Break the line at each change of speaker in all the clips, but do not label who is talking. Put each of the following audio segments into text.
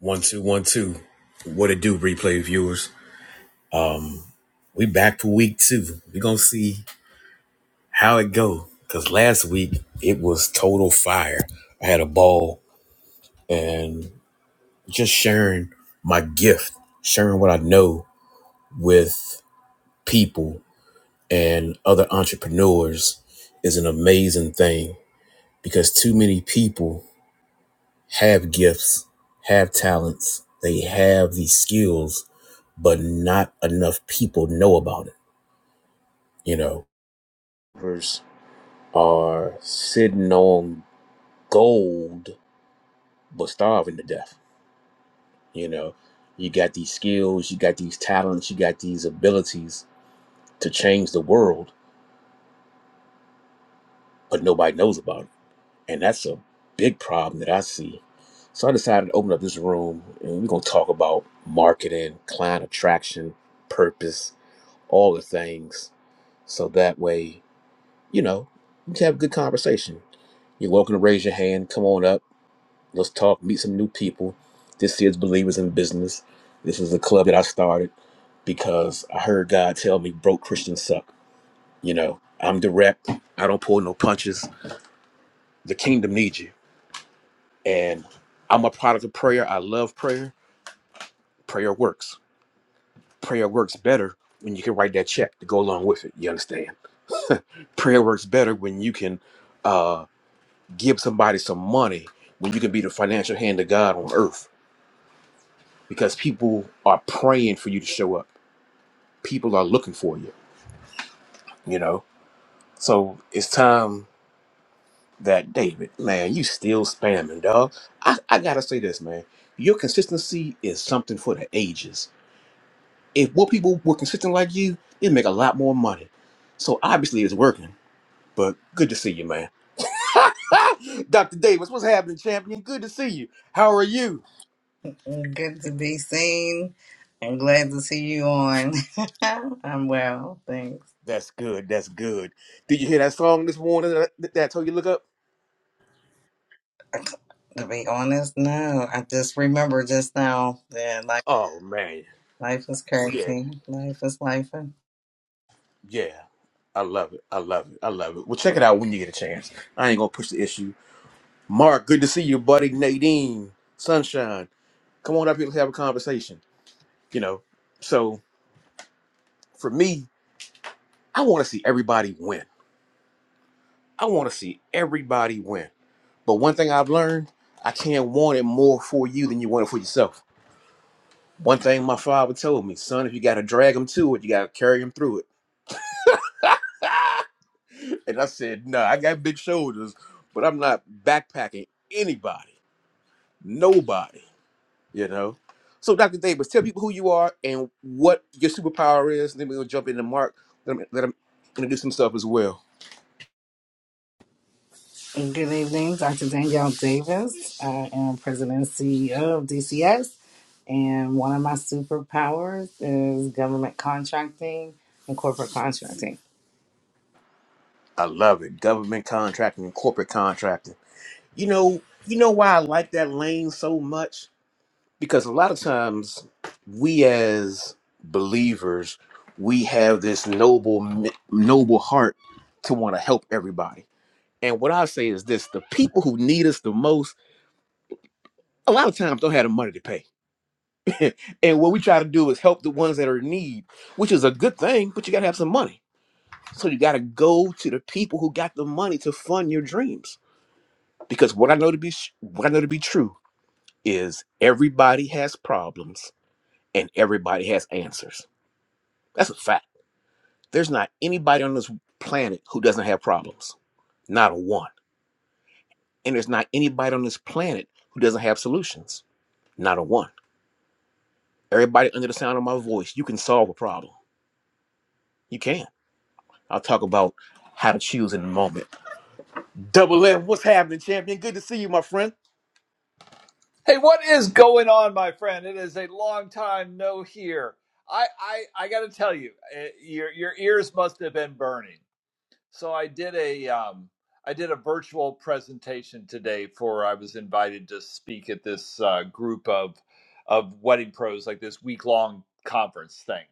One two one two. What it do, replay viewers? We back for week two. We gonna see how it go. Cause last week it was total fire. I had a ball and just sharing my gift, sharing what I know with people and other entrepreneurs is an amazing thing because too many people have gifts, have talents, they have these skills, but not enough people know about it. You know, believers are sitting on gold but starving to death. You know, you got these skills, you got these talents, you got these abilities to change the world, but nobody knows about it. And that's a big problem that I see. So I decided to open up this room and we're going to talk about marketing, client attraction, purpose, all the things. So that way, you know, we can have a good conversation. You're welcome to raise your hand, come on up Let's talk, meet some new people. This is Believers in Business. This is a club that I started because I heard God tell me broke Christians suck. You know, I'm direct, I don't pull no punches. The kingdom needs you. And I'm a product of prayer. I love prayer. Prayer works. Prayer works better when you can write that check to go along with it. You understand? prayer works better when you can uh, give somebody some money, when you can be the financial hand of God on earth, because people are praying for you to show up. people are looking for you, you know? So it's time that David, man, you still spamming, dog. I, I gotta say this, man. Your consistency is something for the ages. If more people were consistent like you, they'd make a lot more money. So obviously it's working, but good to see you, man. Dr. Davis, what's happening, champion? Good to see you. How are you?
Good to be seen and glad to see you on. I'm well, thanks.
That's good. That's good. Did you hear that song this morning that, that I told you to look up?
To be honest, no. I just remember just now that life,
Oh, man.
life is
Yeah,
crazy. Life is life.
Yeah, I love it. I love it. I love it. Well, check it out when you get a chance. I ain't gonna push the issue. Mark, good to see you, buddy. Nadine, Sunshine, come on up here. Let's have a conversation. You know, so for me, I want to see everybody win. I want to see everybody win. But one thing I've learned, I can't want it more for you than you want it for yourself. One thing my father told me, son, if you got to drag them to it, you got to carry them through it. And I said, no, I got big shoulders, but I'm not backpacking anybody. Nobody, you know. So, Dr. Davis, tell people who you are and what your superpower is. And then we'll jump into Mark. Let him, let him introduce himself as well.
Good evening, Dr. Danielle Davis. I am President and CEO of DCS, and one of my superpowers is government contracting and corporate contracting.
I love it. Government contracting and corporate contracting. You know, you know why I like that lane so much? Because a lot of times we as believers, we have this noble mi- noble heart to want to help everybody. And what I say is this, the people who need us the most, a lot of times don't have the money to pay and what we try to do is help the ones that are in need, which is a good thing, but you got to have some money. So you got to go to the people who got the money to fund your dreams. Because what I know to be sh- what I know to be true is everybody has problems and everybody has answers. That's a fact. There's not anybody on this planet who doesn't have problems. Not a one. And there's not anybody on this planet who doesn't have solutions. Not a one. Everybody under the sound of my voice, you can solve a problem. You can I'll talk about how to choose in a moment. Double F, what's happening, champion? Good to see you, my friend.
Hey, what is going on, my friend? It is a long time no here. I I, I got to tell you, eh, your your ears must have been burning. So I did a um I did a virtual presentation today for I was invited to speak at this uh, group of of wedding pros like this week long conference thing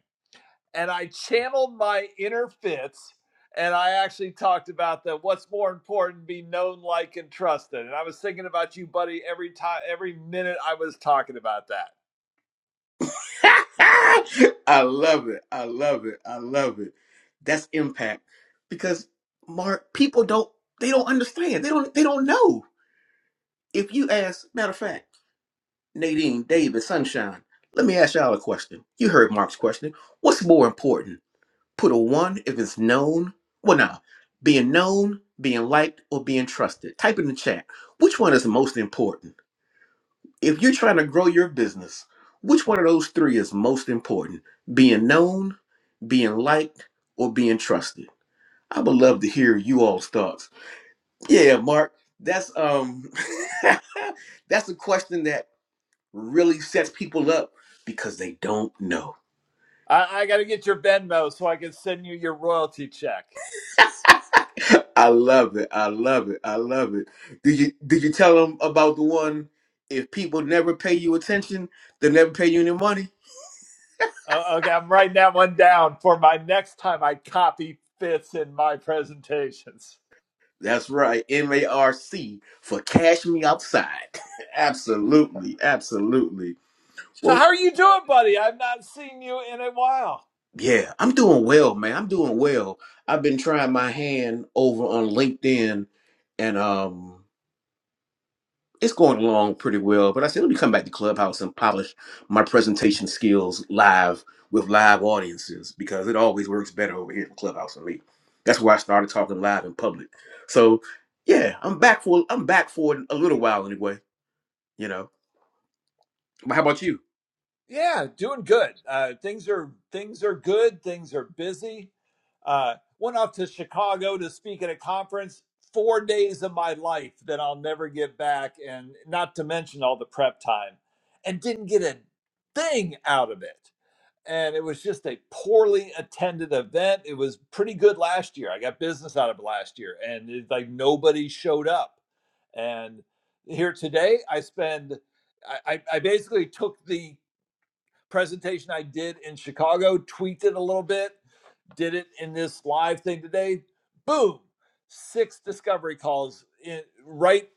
and I channeled my inner Fitz, and I actually talked about that what's more important be known like and trusted and I was thinking about you buddy every time every minute I was talking about that
I love it. I love it. I love it. That's impact. Because Mark, people don't they don't understand. They don't they don't know. If you ask, matter of fact, Nadine, David, Sunshine, let me ask y'all a question. You heard Mark's question. What's more important? Put a one if it's known. Well, nah, being known, being liked, or being trusted. Type in the chat. Which one is most important? If you're trying to grow your business, which one of those three is most important? Being known, being liked, or being trusted? I would love to hear you all's thoughts. Yeah, Mark, that's um that's a question that really sets people up because they don't know.
I, I got to get your Venmo so I can send you your royalty check
I love it. I love it. I love it. Did you did you tell them about the one? If people never pay you attention, they never pay you any money.
uh, okay I'm writing that one down for my next time I copy Fitz in my presentations
That's right. M A R C for cash me outside. absolutely, absolutely.
so
Well,
how are you doing buddy I've not seen you in a while
yeah, I'm doing well, man. I'm doing well. I've been trying my hand over on LinkedIn, and um. it's going along pretty well. But I said, let me come back to Clubhouse and polish my presentation skills live with live audiences because it always works better over here in Clubhouse for me. That's why I started talking live in public. So yeah, I'm back for I'm back for a little while anyway. You know. But how about you?
Yeah, doing good. Uh, things are things are good. Things are busy. Uh, went off to Chicago to speak at a conference. Four days of my life that I'll never get back, and not to mention all the prep time, and didn't get a thing out of it. And it was just a poorly attended event. It was pretty good last year. I got business out of it last year, and it's like nobody showed up. And here today, I spend I, I I basically took the presentation I did in Chicago, tweaked it a little bit, did it in this live thing today. Boom, six discovery calls in, right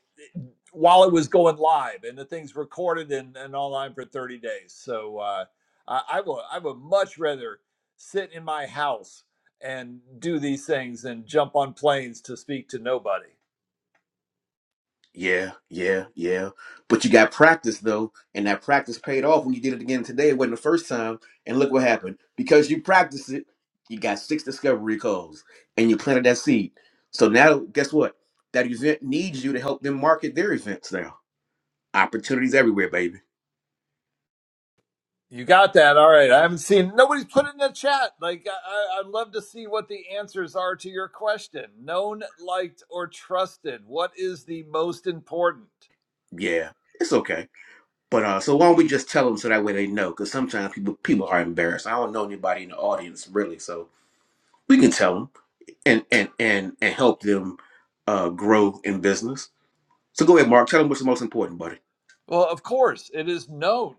while it was going live, and the thing's recorded and, and online for 30 days. So uh, I, I will. I would much rather sit in my house and do these things and jump on planes to speak to nobody.
Yeah, yeah, yeah. But you got practice though, and that practice paid off when you did it again today. It wasn't the first time, and look what happened. Because you practiced it, you got six discovery calls, and you planted that seed. So now, guess what? That event needs you to help them market their events now. Opportunities everywhere, baby.
You got that. All right. I haven't seen nobody's put it in the chat. Like I, I- I'd love to see what the answers are to your question. Known, liked, or trusted. What is the most important?
Yeah, it's okay. But uh, so why don't we just tell them so that way they know? Because sometimes people people are embarrassed. I don't know anybody in the audience really, so we can tell them and and and and help them uh, grow in business. So go ahead, Mark. Tell them what's the most important, buddy.
Well, of course, it is known.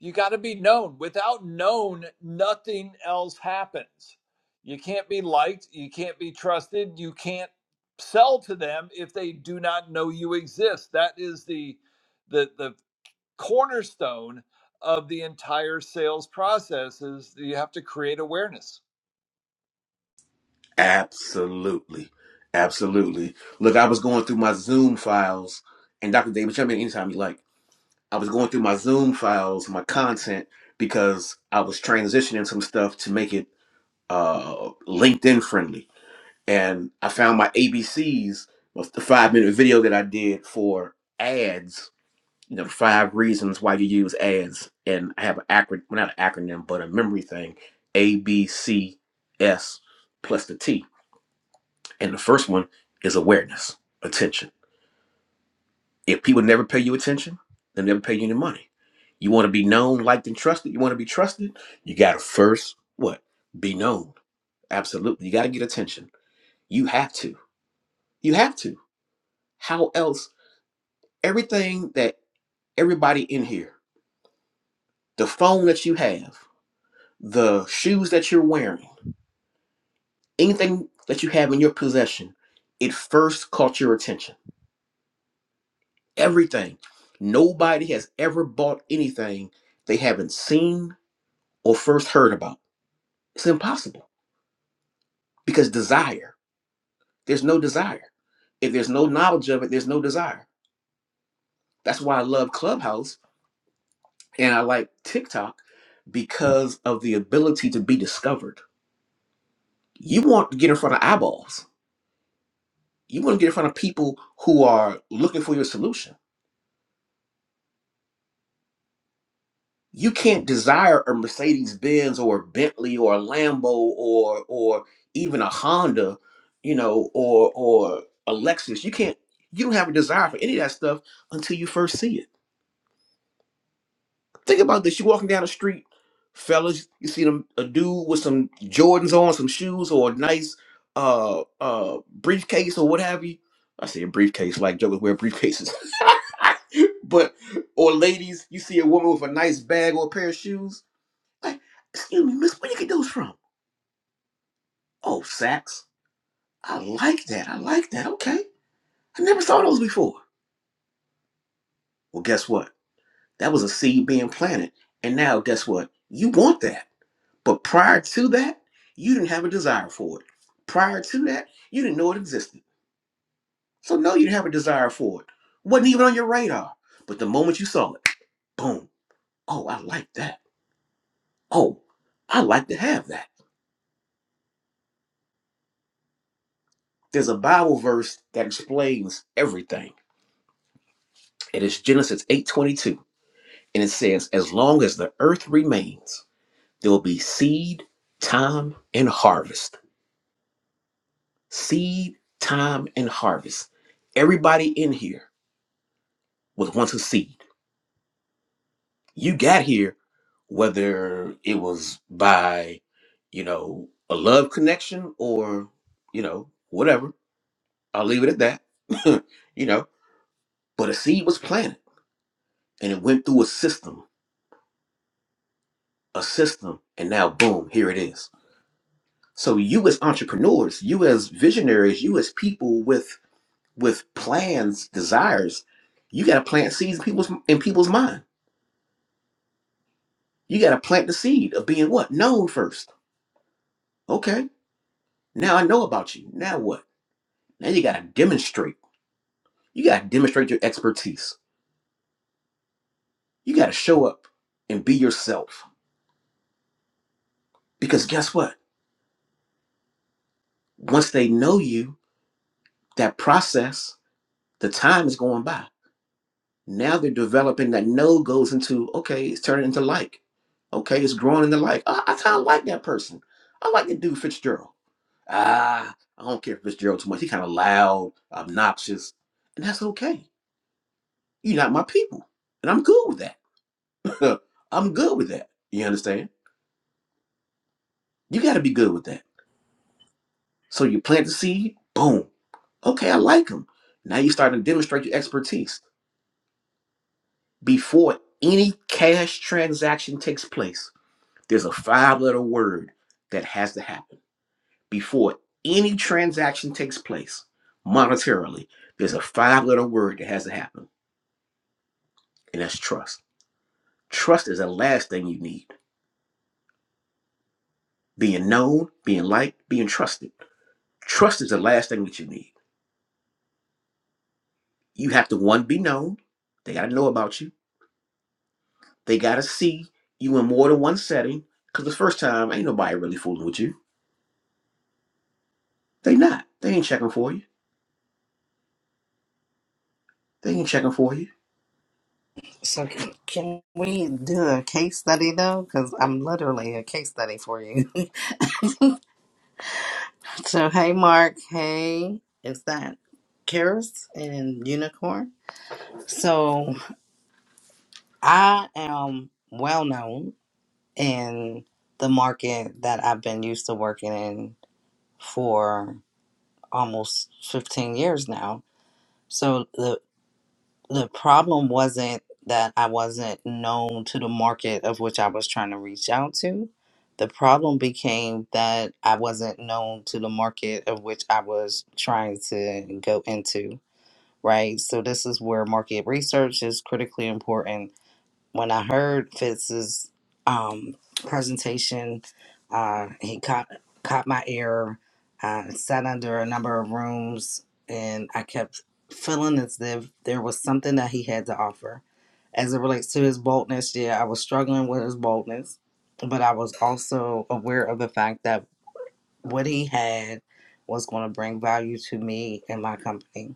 You got to be known. Without known, nothing else happens. You can't be liked. You can't be trusted. You can't sell to them if they do not know you exist. That is the the the cornerstone of the entire sales process is you have to create awareness.
Absolutely. Absolutely. Look, I was going through my Zoom files, and Dr. David, jump in anytime you like. I was going through my Zoom files, my content, because I was transitioning some stuff to make it uh, LinkedIn friendly. And I found my ABCs was the five minute video that I did for ads you know, five reasons why you use ads, and I have an acronym, not an acronym, but a memory thing, A B C S plus the T, and the first one is awareness, attention. If people never pay you attention, they never pay you any money. You want to be known, liked, and trusted. You want to be trusted. You got to first what? Be known. Absolutely, you got to get attention. You have to. You have to. How else? Everything that everybody in here, the phone that you have. the shoes that you're wearing, anything that you have in your possession, it first caught your attention. Everything. Nobody has ever bought anything they haven't seen or first heard about. It's impossible because desire, there's no desire. If there's no knowledge of it, there's no desire. That's why I love Clubhouse and I like TikTok because of the ability to be discovered. You want to get in front of eyeballs. You want to get in front of people who are looking for your solution you can't desire a Mercedes Benz or a Bentley or a Lambo or or even a Honda, you know, or or a Lexus. You can't you don't have a desire for any of that stuff until you first see it. Think about this. You're walking down the street, fellas, you see them a dude with some Jordans on, some shoes, or a nice uh uh briefcase or what have you. I say a briefcase, like jokers wear briefcases. but or ladies, you see a woman with a nice bag or a pair of shoes like, excuse me, miss, where you get those from? Oh, Saks. I like that. I like that. Okay. I never saw those before. Well, guess what? That was a seed being planted. And now, guess what? You want that. But prior to that, you didn't have a desire for it. Prior to that, you didn't know it existed. So, no, you didn't have a desire for it. Wasn't even on your radar. But the moment you saw it, boom. Oh, I like that. Oh, I like to have that. There's a Bible verse that explains everything. It is Genesis 8:22 And it says, as long as the earth remains, there will be seed, time, and harvest. Seed, time, and harvest. Everybody in here was once a seed. You got here, whether it was by, you know, a love connection or, you know, whatever. I'll leave it at that. you know, but a seed was planted and it went through a system, a system, and now boom, here it is So you as entrepreneurs, you as visionaries, you as people with with plans, desires, you got to plant seeds in people's in people's mind. You got to plant the seed of being what known first. Okay, now I know about you. Now what? Now you got to demonstrate. You got to demonstrate your expertise. You got to show up and be yourself. Because guess what? Once they know you, that process, the time is going by. Now they're developing that no goes into, okay, it's turning into like. Okay, it's growing into like. I, I kind of like that person. I like the dude Fitzgerald. Ah, I don't care for Fitzgerald too much. He kind of loud, obnoxious, and that's okay. You're not my people, and I'm good with that. I'm good with that. You understand? You got to be good with that. So you plant the seed, boom. Okay, I like him. Now you start to demonstrate your expertise before any cash transaction takes place. There's a five letter word that has to happen before any transaction takes place monetarily. There's a five letter word that has to happen, and that's trust. Trust is the last thing you need. Being known, being liked, being trusted. Trust is the last thing that you need. You have to, one, be known. They got to know about you. They got to see you in more than one setting. Because the first time, ain't nobody really fooling with you. They not. They ain't checking for you. They ain't checking for you.
So, can can we do a case study though? Because I'm literally a case study for you. So hey Mark, hey, is that Karis and Unicorn? So I am well known in the market that I've been used to working in for almost 15 years now. So the the problem wasn't that I wasn't known to the market of which I was trying to reach out to. The problem became that I wasn't known to the market of which I was trying to go into right? So this is where market research is critically important. When I heard Fitz's um, presentation, uh, he caught caught my ear. Uh, sat under a number of rooms, and I kept feeling as if there was something that he had to offer. As it relates to his boldness, yeah, I was struggling with his boldness, but I was also aware of the fact that what he had was going to bring value to me and my company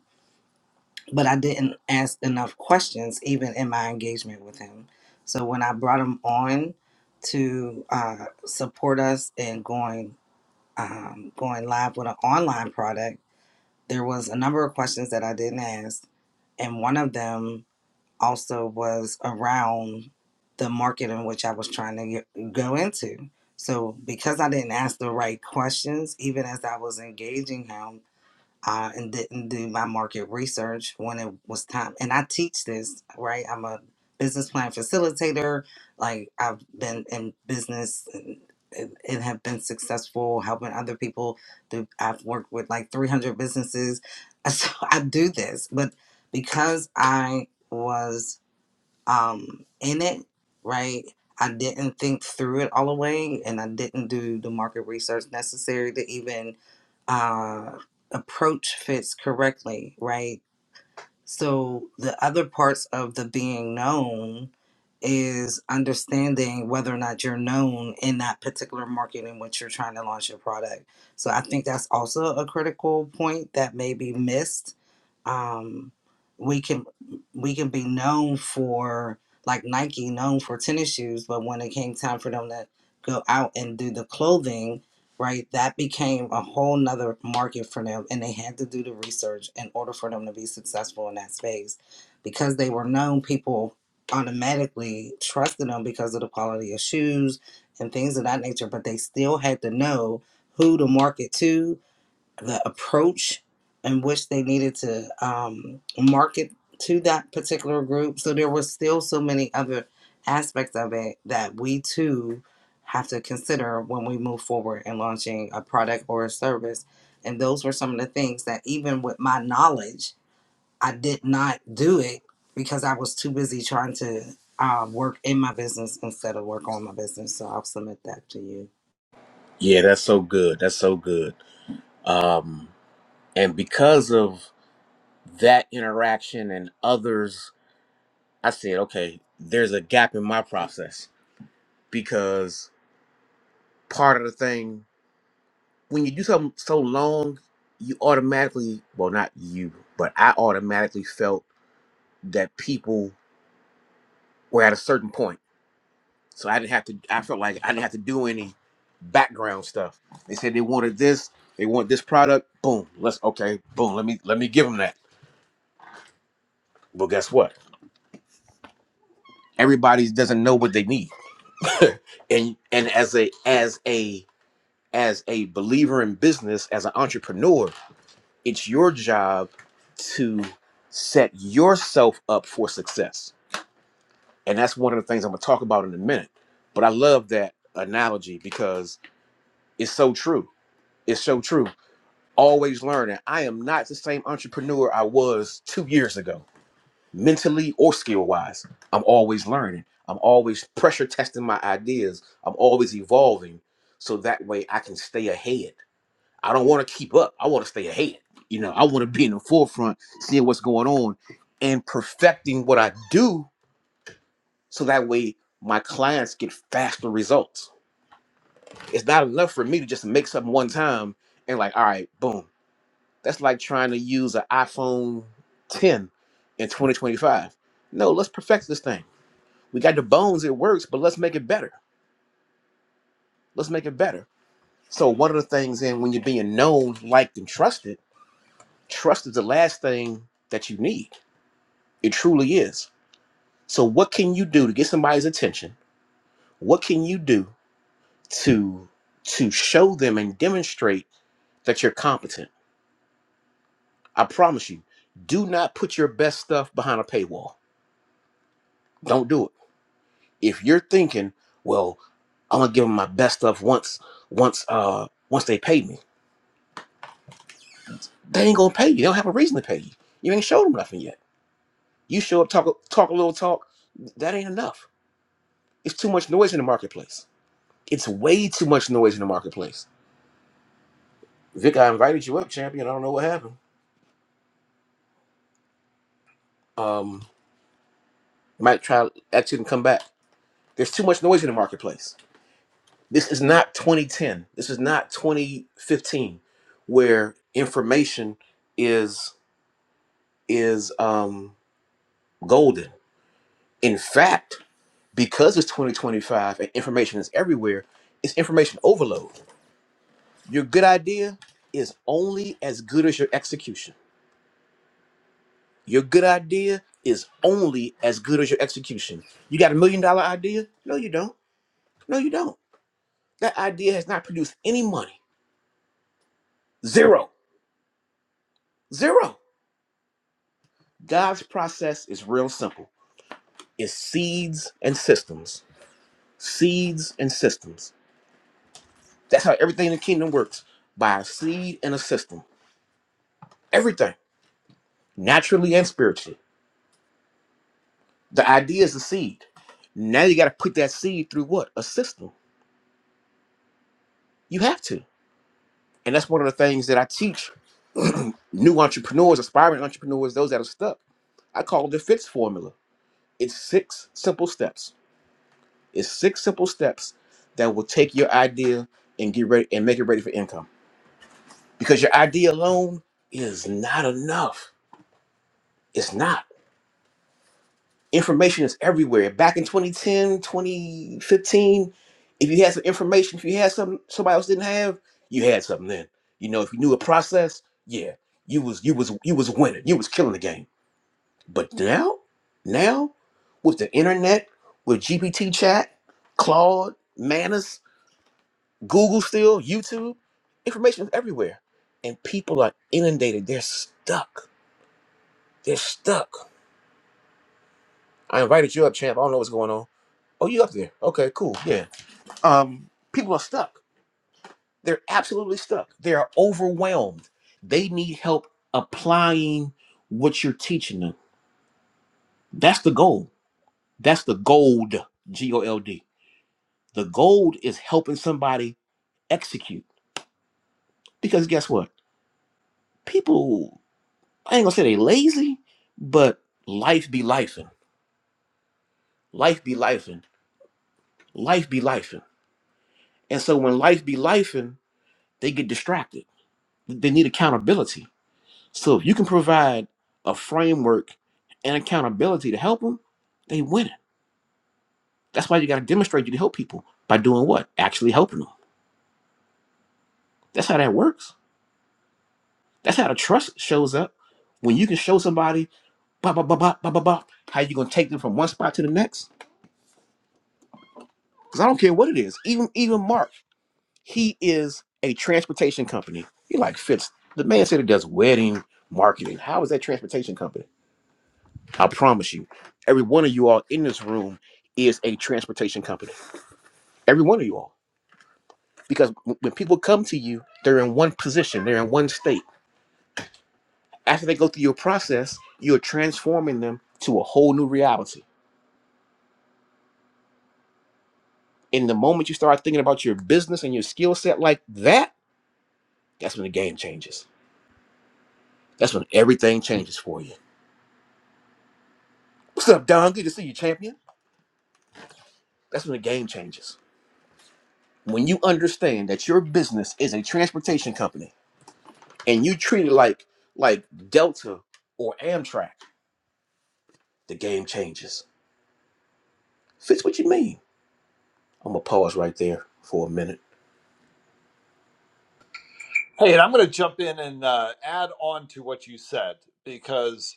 but I didn't ask enough questions even in my engagement with him. So when I brought him on to uh, support us in going um, going live with an online product, there was a number of questions that I didn't ask, and one of them also was around the market in which I was trying to get, go into. So because I didn't ask the right questions, even as I was engaging him, uh, and didn't do my market research when it was time. And I teach this, right? I'm a business plan facilitator. Like I've been in business and, and and have been successful helping other people. Do I've worked with like 300 businesses, so I do this. But because I was um, in it, right? I didn't think through it all the way, and I didn't do the market research necessary to even uh, approach fits correctly, right? So the other parts of the being known is understanding whether or not you're known in that particular market in which you're trying to launch your product. So I think that's also a critical point that may be missed. Um, we can we can be known for like Nike known for tennis shoes, but when it came time for them to go out and do the clothing, right? That became a whole nother market for them, and they had to do the research in order for them to be successful in that space. Because they were known, people automatically trusted them because of the quality of shoes and things of that nature, but they still had to know who to market to the approach in which they needed to um, market to that particular group. So there was still so many other aspects of it that we too have to consider when we move forward in launching a product or a service. And those were some of the things that even with my knowledge, I did not do it because I was too busy trying to uh, work in my business instead of work on my business. So I'll submit that to you.
Yeah, that's so good. That's so good. Um, And because of that interaction and others, I said, okay, there's a gap in my process because part of the thing, when you do something so long, you automatically, well, not you, but I automatically felt that people were at a certain point. So I didn't have to, I felt like I didn't have to do any background stuff. They said they wanted this, they want this product, boom, let's, okay, boom, let me, let me give them that. Well, guess what? Everybody doesn't know what they need and and as a as a as a believer in business as an entrepreneur it's your job to set yourself up for success and that's one of the things i'm going to talk about in a minute but i love that analogy because it's so true it's so true always learning i am not the same entrepreneur i was two years ago mentally or skill wise. I'm always learning. I'm always pressure testing my ideas. I'm always evolving. So that way I can stay ahead. I don't want to keep up. I want to stay ahead. You know, I want to be in the forefront, seeing what's going on and perfecting what I do so that way my clients get faster results. It's not enough for me to just make something one time and like, all right, boom. That's like trying to use an iPhone 10 in 2025. No, let's perfect this thing we got the bones it works but let's make it better let's make it better so one of the things and when you're being known liked and trusted trust is the last thing that you need it truly is so what can you do to get somebody's attention what can you do to to show them and demonstrate that you're competent i promise you do not put your best stuff behind a paywall don't do it if you're thinking well i'm gonna give them my best stuff once once uh once they pay me They ain't gonna pay you. They don't have a reason to pay you. You ain't showed them nothing yet. You show up, talk talk a little talk. That ain't enough. It's too much noise in the marketplace. It's way too much noise in the marketplace. Vic, I invited you up, champion. I don't know what happened. Um, might try to ask you to come back. There's too much noise in the marketplace. This is not 2010. This is not 2015, where information is is um golden. In fact, because it's 2025 and information is everywhere, it's information overload. Your good idea is only as good as your execution. Your good idea is only as good as your execution. You got a million dollar idea? No, you don't. No, you don't. That idea has not produced any money. Zero. Zero. God's process is real simple. It's seeds and systems. Seeds and systems. That's how everything in the kingdom works by a seed and a system. Everything. naturally and spiritually. The idea is a seed. Now you got to put that seed through what? A system. You have to. And that's one of the things that I teach new entrepreneurs, aspiring entrepreneurs, those that are stuck. I call it the FITS formula. It's six simple steps. It's six simple steps that will take your idea and get ready and make it ready for income. Because your idea alone is not enough. It's not. information is everywhere. Back in 2010, 2015, if you had some information, if you had something somebody else didn't have, you had something then. You know, if you knew a process, yeah, you was you was you was winning. You was killing the game. But now, now with the internet, with GPT chat, Claude, Manus, Google still, YouTube, information is everywhere. And people are inundated. They're stuck. They're stuck. I invited you up, champ. I don't know what's going on. Oh, you up there? Okay, cool. Yeah. um, people are stuck. They're absolutely stuck. They are overwhelmed. They need help applying what you're teaching them. That's the goal. That's the gold, G O L D. The gold is helping somebody execute. Because guess what? People, I ain't gonna say they lazy, but life be lifing. Life be lifing. Life be lifing. And so when life be lifing, they get distracted. They need accountability So if you can provide a framework and accountability to help them, they winning. That's why you got to demonstrate you can help people by doing what? Actually helping them. That's how that works. That's how the trust shows up. When you can show somebody, bah, bah, bah, bah, bah, bah, bah, how you gonna take them from one spot to the next? Because I don't care what it is. Even even Mark, he is a transportation company. He like fits. The man said he does wedding marketing. How is that transportation company? I promise you, every one of you all in this room is a transportation company. Every one of you all. Because when people come to you, they're in one position, they're in one state. After they go through your process, you're transforming them to a whole new reality. And the moment you start thinking about your business and your skill set like that, that's when the game changes. That's when everything changes for you. What's up, Don? Good to see you, champion. That's when the game changes. When you understand that your business is a transportation company and you treat it like like Delta or Amtrak, the game changes. Fitz, what you mean? I'm gonna pause right there for a minute.
Hey, and I'm going to jump in and uh, add on to what you said because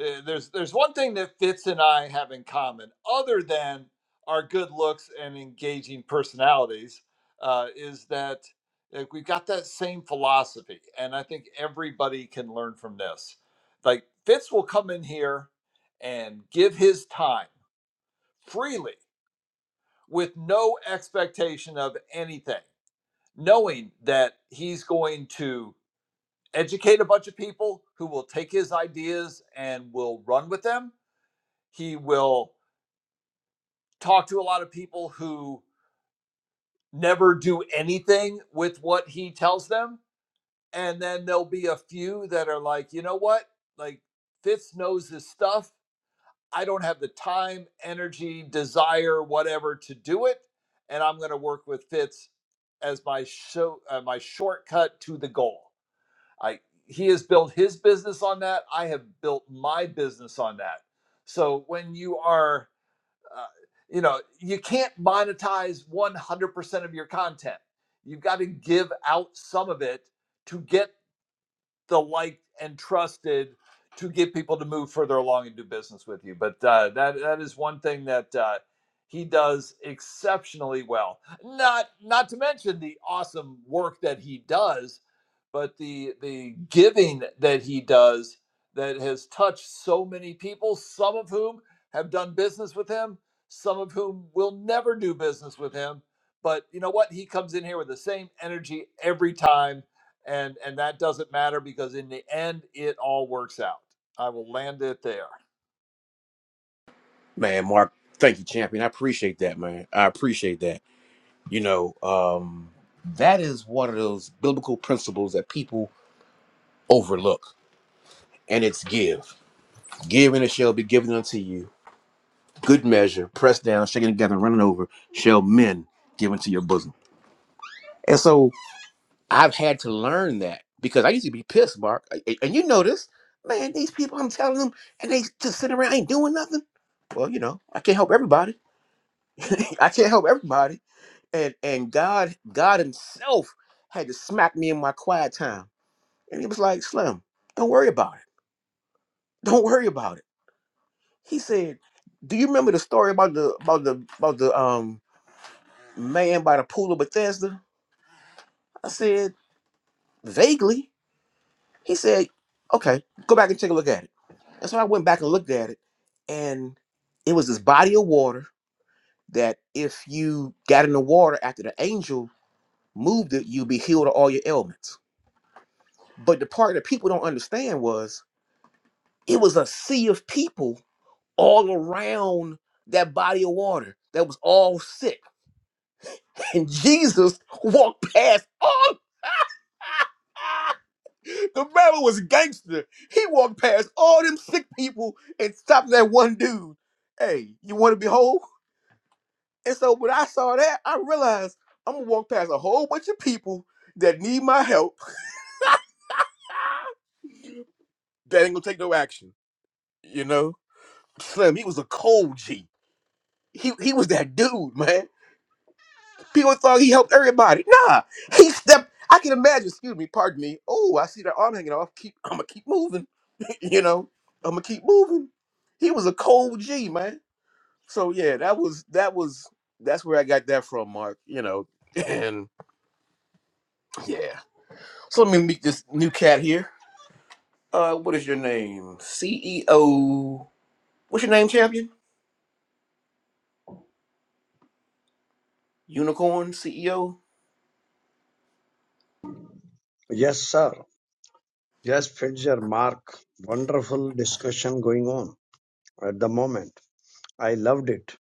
uh, there's there's one thing that Fitz and I have in common, other than our good looks and engaging personalities, uh, is that uh, we've got that same philosophy, and I think everybody can learn from this. Like Fitz will come in here and give his time freely with no expectation of anything, knowing that he's going to educate a bunch of people who will take his ideas and will run with them. He will talk to a lot of people who never do anything with what he tells them. And then there'll be a few that are like, you know what? Like, Fitz knows his stuff. I don't have the time, energy, desire, whatever to do it, and I'm going to work with Fitz as my show, uh, my shortcut to the goal. I he has built his business on that. I have built my business on that. So when you are, uh, you know, you can't monetize 100% of your content. You've got to give out some of it to get the liked and trusted to get people to move further along and do business with you. But uh, that that is one thing that uh, he does exceptionally well. Not not to mention the awesome work that he does, but the the giving that he does that has touched so many people. Some of whom have done business with him. Some of whom will never do business with him. But you know what? He comes in here with the same energy every time and and that doesn't matter because in the end it all works out i will land it there
Man, Mark, thank you, champion. I appreciate that, man. I appreciate that. You know, um, that is one of those biblical principles that people overlook, and it's give. Give and it shall be given unto you. Good measure, pressed down, shaken together, running over, shall men give into your bosom. And so. I've had to learn that because I used to be pissed, Mark. A- a- And you know this, man, these people I'm telling them and they just sit around ain't doing nothing. Well, you know, I can't help everybody. I can't help everybody. And and God, God Himself had to smack me in my quiet time. And he was like, Slim, don't worry about it. Don't worry about it. He said, Do you remember the story about the about the about the um man by the pool of Bethesda? I said, vaguely. He said, Okay, go back and take a look at it. And so I went back and looked at it, and it was this body of water that if you got in the water after the angel moved it, you'd be healed of all your ailments. But the part that people don't understand was it was a sea of people all around that body of water that was all sick. And Jesus walked past all the man was gangster. He walked past all them sick people and stopped that one dude. Hey, you want to be whole? And so when I saw that, I realized I'm gonna walk past a whole bunch of people that need my help that ain't gonna take no action. You know, Slim, he was a cold G. He he was that dude, man. People thought he helped everybody. Nah, he stepped. I can imagine. Excuse me, pardon me. Oh, I see that arm hanging off. Keep, I'm gonna keep moving. you know, I'm gonna keep moving. He was a cold G, man. So yeah, that was that was that's where I got that from, Mark. You know, and yeah. So let me meet this new cat here. Uh, what is your name? CEO. What's your name, champion? Unicorn CEO.
Yes, sir. Yes, Fitzer, Mark. Wonderful discussion going on at the moment. I loved it.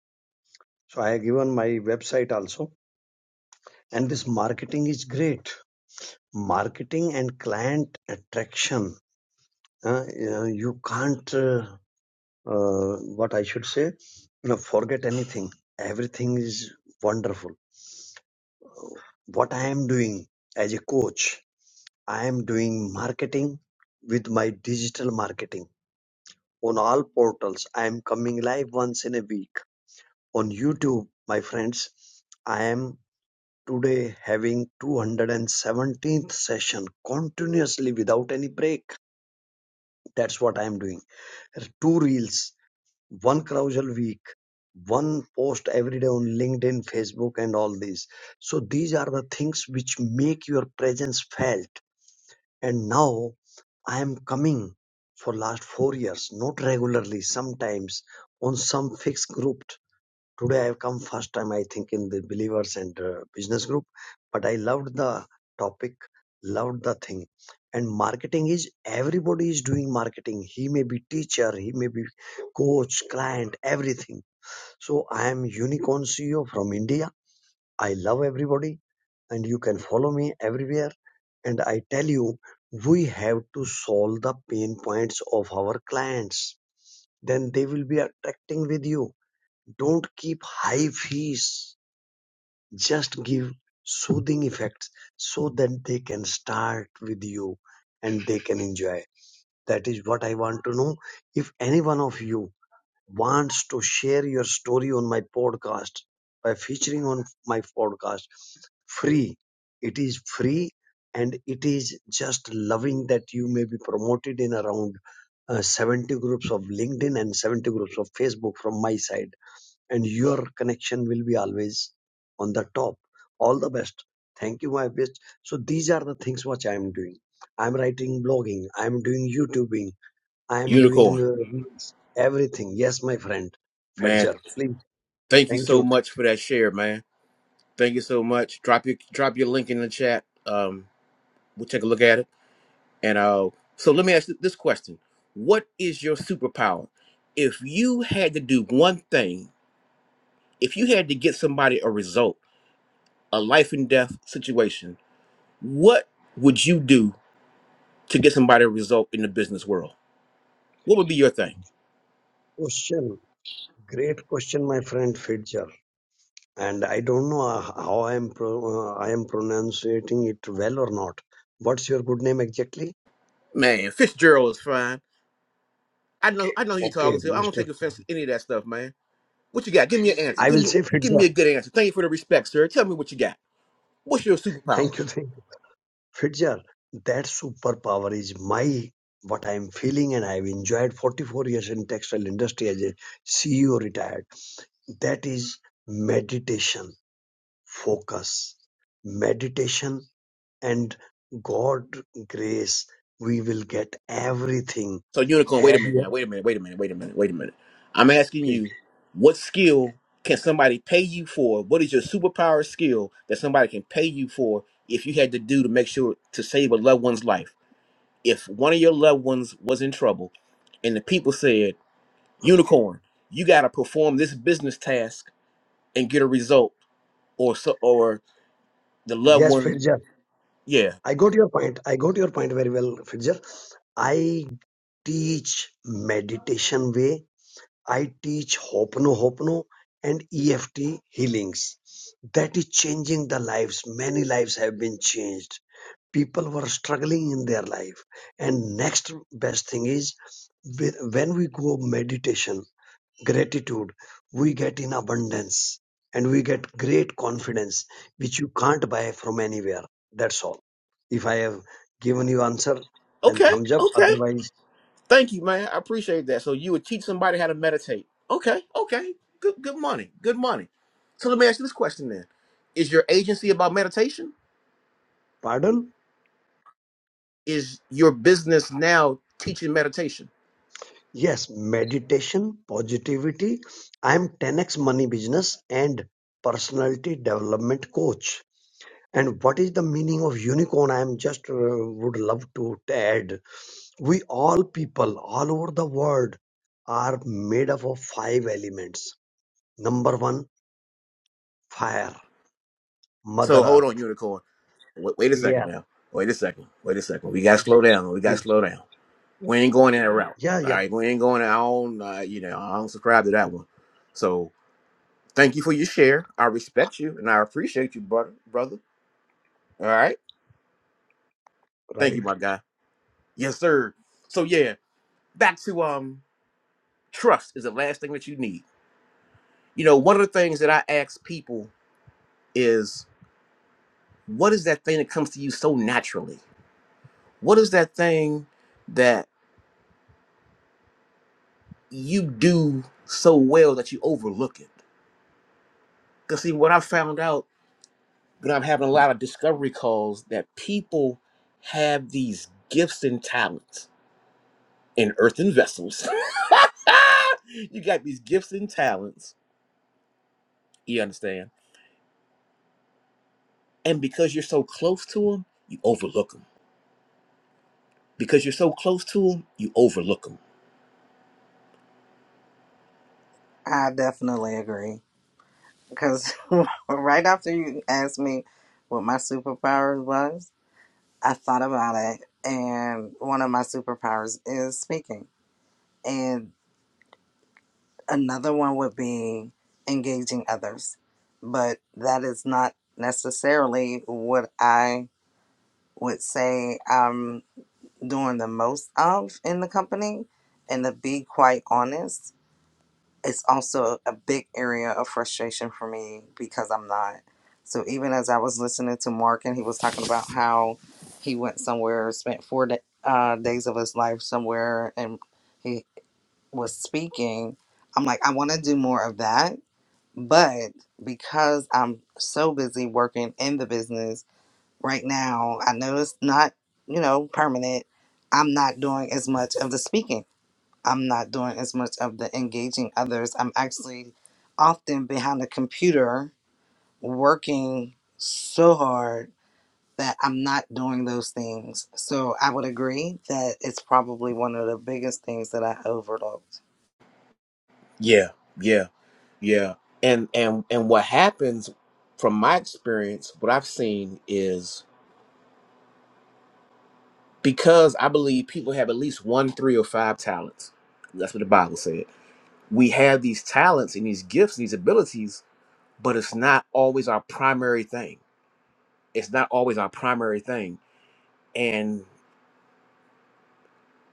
So I have given my website also. And this marketing is great. Marketing and client attraction. Uh, you, know, you can't, uh, uh, what I should say, you know, forget anything. Everything is wonderful. What I am doing as a coach, I am doing marketing with my digital marketing. on all portals. I am coming live once in a week on YouTube, my friends. I am today having 217th session continuously without any break. That's what I am doing. Two reels, one carousel week, one post every day on LinkedIn, Facebook, and all these. So these are the things which make your presence felt. And now I am coming for last four years, not regularly, sometimes on some fixed group. Today I have come first time, I think, in the believers and uh, business group. But I loved the topic, loved the thing. And marketing is everybody is doing marketing. He may be teacher, he may be coach, client, everything. So I am unicorn CEO from India I love everybody and you can follow me everywhere. And I tell you, we have to solve the pain points of our clients. Then they will be attracting with you. Don't keep high fees. Just give soothing effects so that they can start with you and they can enjoy. That is what I want to know. If any one of you wants to share your story on my podcast by featuring on my podcast free it is free and it is just loving that you may be promoted in around uh, 70 groups of linkedin and 70 groups of facebook from my side and your connection will be always on the top all the best thank you my best so these are the things which i am doing i'm writing blogging i'm doing youtubing I am doing
Unicorn,
uh, reels, everything. Yes, my friend
man.
Fedger. Please,
Thank you
thank
so
you.
much for that share, man. Thank you so much. Drop your drop your link in the chat. Um, we'll take a look at it. And uh, so let me ask you this question: What is your superpower? If you had to do one thing, if you had to get somebody a result, a life and death situation, what would you do to get somebody a result in the business world? What would be your thing?
Question, great question, my friend Fedger. And I don't know uh, how I am pro- uh, I am pronouncing it well or not. What's your good name exactly?
Man, Fitzgerald is fine. I know I know who you're
Okay,
talking to. I don't
Mister.
take offense to any of that stuff, man. What you got? Give me an answer.
I
Give
will
me
say
give
Fedger.
me a good answer. Thank you for the respect, sir. Tell me what you got. What's your superpower?
Thank you, thank you, Fedger. That superpower is my what I am feeling, and I have enjoyed 44 years in textile industry as a CEO retired. That is meditation focus, meditation and God grace, we will get everything.
So unicorn, wait a
Have
minute
your
now, wait a minute, wait a minute, wait a minute, wait a minute. I'm asking
please.
you, what skill can somebody pay you for? What is your superpower skill that somebody can pay you for if you had to do to make sure to save a loved one's life? If one of your loved ones was in trouble and the people said, Unicorn, you gotta perform this business task and get a result or so or the loved
Yes,
one
Fidjar.
yeah
I got your point. I got your point very well, Fidjar. I teach meditation way. I teach Hopono Hopono and EFT healings. That is changing the lives. Many lives have been changed people were struggling in their life and next best thing is with when we go meditation gratitude we get in abundance and we get great confidence which you can't buy from anywhere that's all if i have given you answer then
okay
thumbs up
okay
otherwise
thank you man i appreciate that so you would teach somebody how to meditate okay okay good good money good money so let me ask you this question then is your agency about meditation
pardon
is your business now teaching meditation
yes meditation positivity i am 10x money business and personality development coach and what is the meaning of unicorn i am just uh, would love to add we all people all over the world are made up of five elements number one fire mother
so hold on
earth
unicorn wait, wait a second
yeah
now wait a second wait a second we gotta slow
yeah
down we gotta
please
slow down we ain't going in that route
yeah
all
yeah
right we ain't going i don't uh, you know i don't subscribe to that one so Thank you for your share. I respect you and I appreciate you, brother. Brother. All right. Thank you,
right
my guy. Yes, sir. So yeah, back to um trust is the last thing that you need. You know, one of the things that I ask people is what is that thing that comes to you so naturally? What is that thing that you do so well that you overlook it? Because see, what I found out when I'm having a lot of discovery calls that people have these gifts and talents in earthen vessels. you got these gifts and talents. You understand? And because you're so close to them, you overlook them. Because you're so close to them, you overlook them.
I definitely agree. because right after you asked me what my superpower was, I thought about it, and one of my superpowers is speaking, and another one would be engaging others. But that is not necessarily what I would say I'm doing the most of in the company. And to be quite honest, it's also a big area of frustration for me because I'm not. So even as I was listening to Mark and he was talking about how he went somewhere, spent four da uh, days of his life somewhere, and he was speaking, I'm like, I want to do more of that. But because I'm so busy working in the business right now, I know it's not, you know, permanent. I'm not doing as much of the speaking. I'm not doing as much of the engaging others. I'm actually often behind a computer working so hard that I'm not doing those things. So I would agree that it's probably one of the biggest things that I overlooked.
Yeah, yeah, yeah. And and and what happens from my experience, what I've seen is because I believe people have at least one, three, or five talents. That's what the Bible said. We have these talents and these gifts, these abilities, but it's not always our primary thing. It's not always our primary thing. And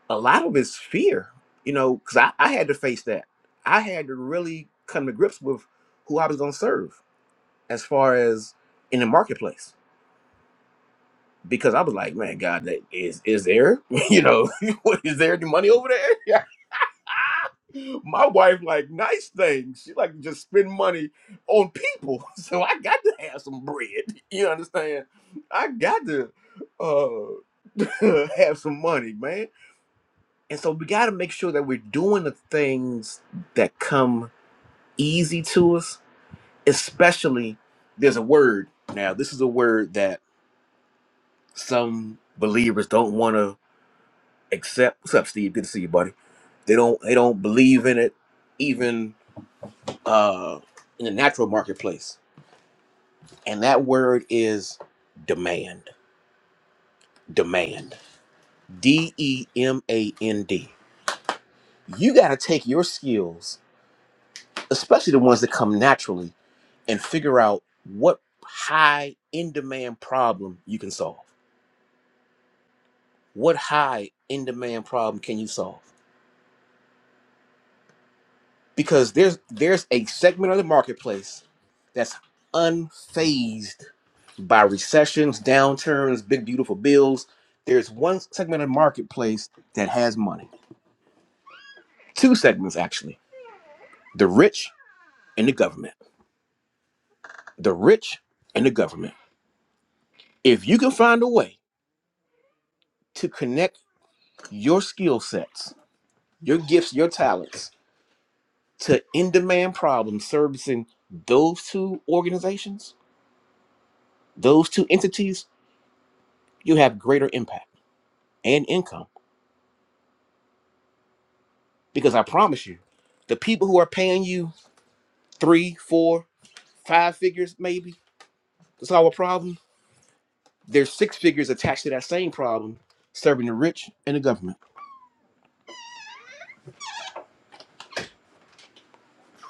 a lot of it's fear, you know, because I, I had to face that. I had to really come to grips with who I was going to serve as far as in the marketplace. Because I was like, man, God, that is is there, you know, what is there any money over there? My wife like nice things. She like to just spend money on people. So I got to have some bread. You understand? I got to uh have some money, man. And so we got to make sure that we're doing the things that come easy to us, especially there's a word. Now, this is a word that some believers don't want to accept. What's up, Steve? Good to see you, buddy. They don't they don't believe in it even uh, in the natural marketplace. And that word is demand. Demand. D E M A N D. You got to take your skills, especially the ones that come naturally, and figure out what high in demand problem you can solve. What high in demand problem can you solve? because there's there's a segment of the marketplace that's unfazed by recessions, downturns, big beautiful bills. There's one segment of the marketplace that has money. Two segments actually. The rich and the government. The rich and the government. If you can find a way to connect your skill sets, your gifts, your talents to in-demand problems servicing those two organizations, those two entities, you have greater impact and income. Because I promise you, the people who are paying you three, four, five figures maybe to solve a problem, there's six figures attached to that same problem, serving the rich and the government.